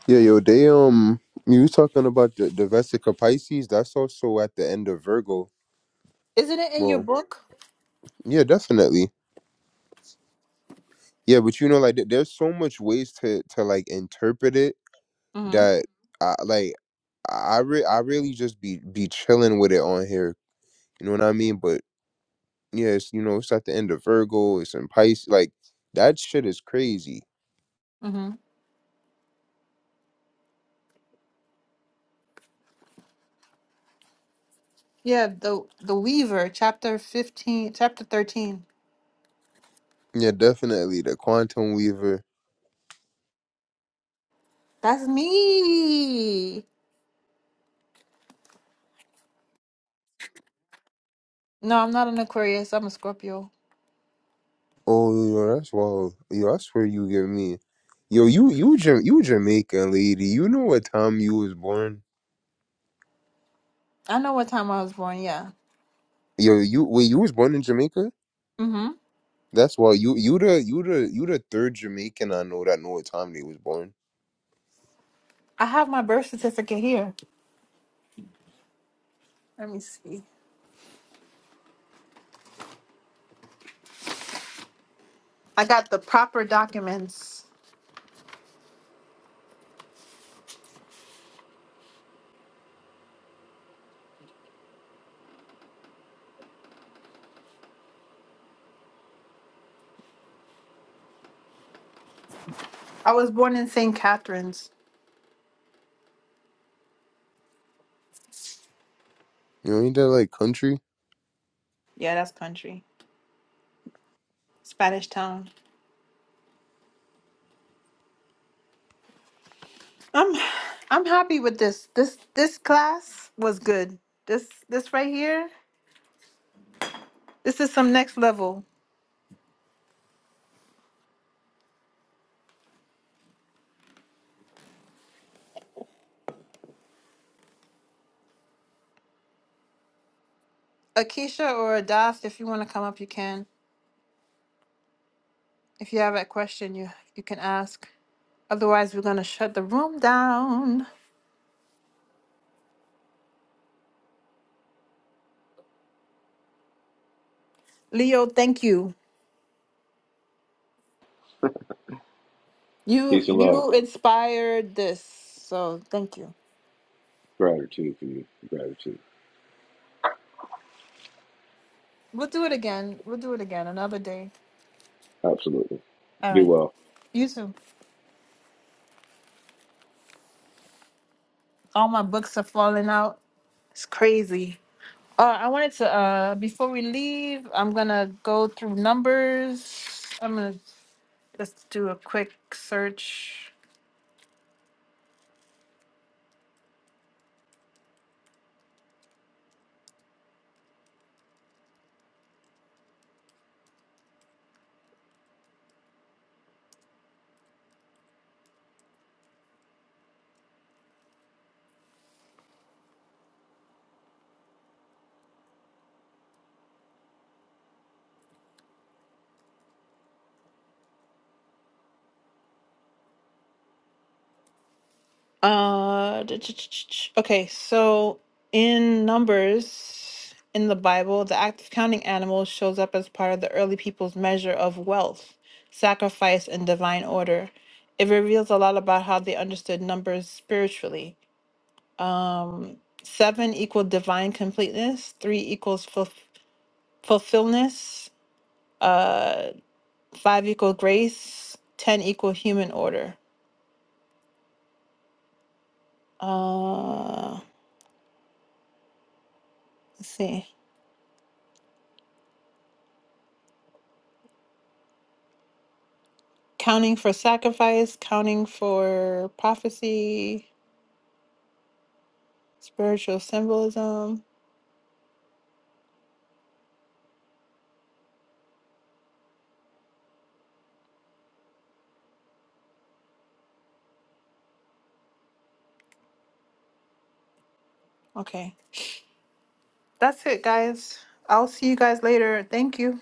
Speaker 4: Yeah, yo, they um, you was talking about the, the Vesica Pisces. That's also at the end of Virgo.
Speaker 1: Isn't it in your
Speaker 4: Well,
Speaker 1: book?
Speaker 4: yeah, definitely. Yeah, but you know, like, there- there's so much ways to to like interpret it
Speaker 1: Mm-hmm.
Speaker 4: that I like. I re- I really just be be chilling with it on here. You know what I mean? But yeah, it's you know, it's at the end of Virgo. It's in Pisces. Like that shit is crazy.
Speaker 1: Mm-hmm. Yeah, the the Weaver, chapter fifteen, chapter thirteen.
Speaker 4: Yeah, definitely the Quantum Weaver.
Speaker 1: That's me. No, I'm not an Aquarius. I'm a Scorpio.
Speaker 4: Oh, yo, that's well, yo, that's where you get me. Yo, you you Ja- you Jamaican lady. You know what time you was born?
Speaker 1: I know what time I was born. Yeah.
Speaker 4: Yo, you wait, you was born in Jamaica?
Speaker 1: hmm
Speaker 4: That's why you you the you the you the third Jamaican I know that know what time they was born.
Speaker 1: I have my birth certificate here. Let me see. I got the proper documents. I was born in St. Catharines.
Speaker 4: You know, ain't that like country?
Speaker 1: Yeah, that's country. Spanish town. I'm I'm happy with this. This this class was good. This this right here, this is some next level. Akisha or Adas, if you want to come up, you can. If you have a question, you you can ask. Otherwise, we're gonna shut the room down. Leo, thank you. You
Speaker 3: Peace and love.
Speaker 1: you inspired this, so thank you.
Speaker 3: Gratitude for you. Gratitude.
Speaker 1: We'll do it again. We'll do it again another day.
Speaker 3: Absolutely.
Speaker 1: All
Speaker 3: Be
Speaker 1: right.
Speaker 3: well.
Speaker 1: You too. All my books are falling out. It's crazy. Uh, I wanted to, uh, before we leave, I'm going to go through numbers. I'm going to just do a quick search. Uh, ch- ch- ch- ch- okay, so in Numbers in the Bible, the act of counting animals shows up as part of the early people's measure of wealth, sacrifice, and divine order. It reveals a lot about how they understood numbers spiritually. Um, seven equal divine completeness, three equals ful- fulfillness, uh, five equal grace, ten equal human order. Uh, let's see. counting for sacrifice, counting for prophecy, spiritual symbolism. Okay, that's it, guys. I'll see you guys later. Thank you.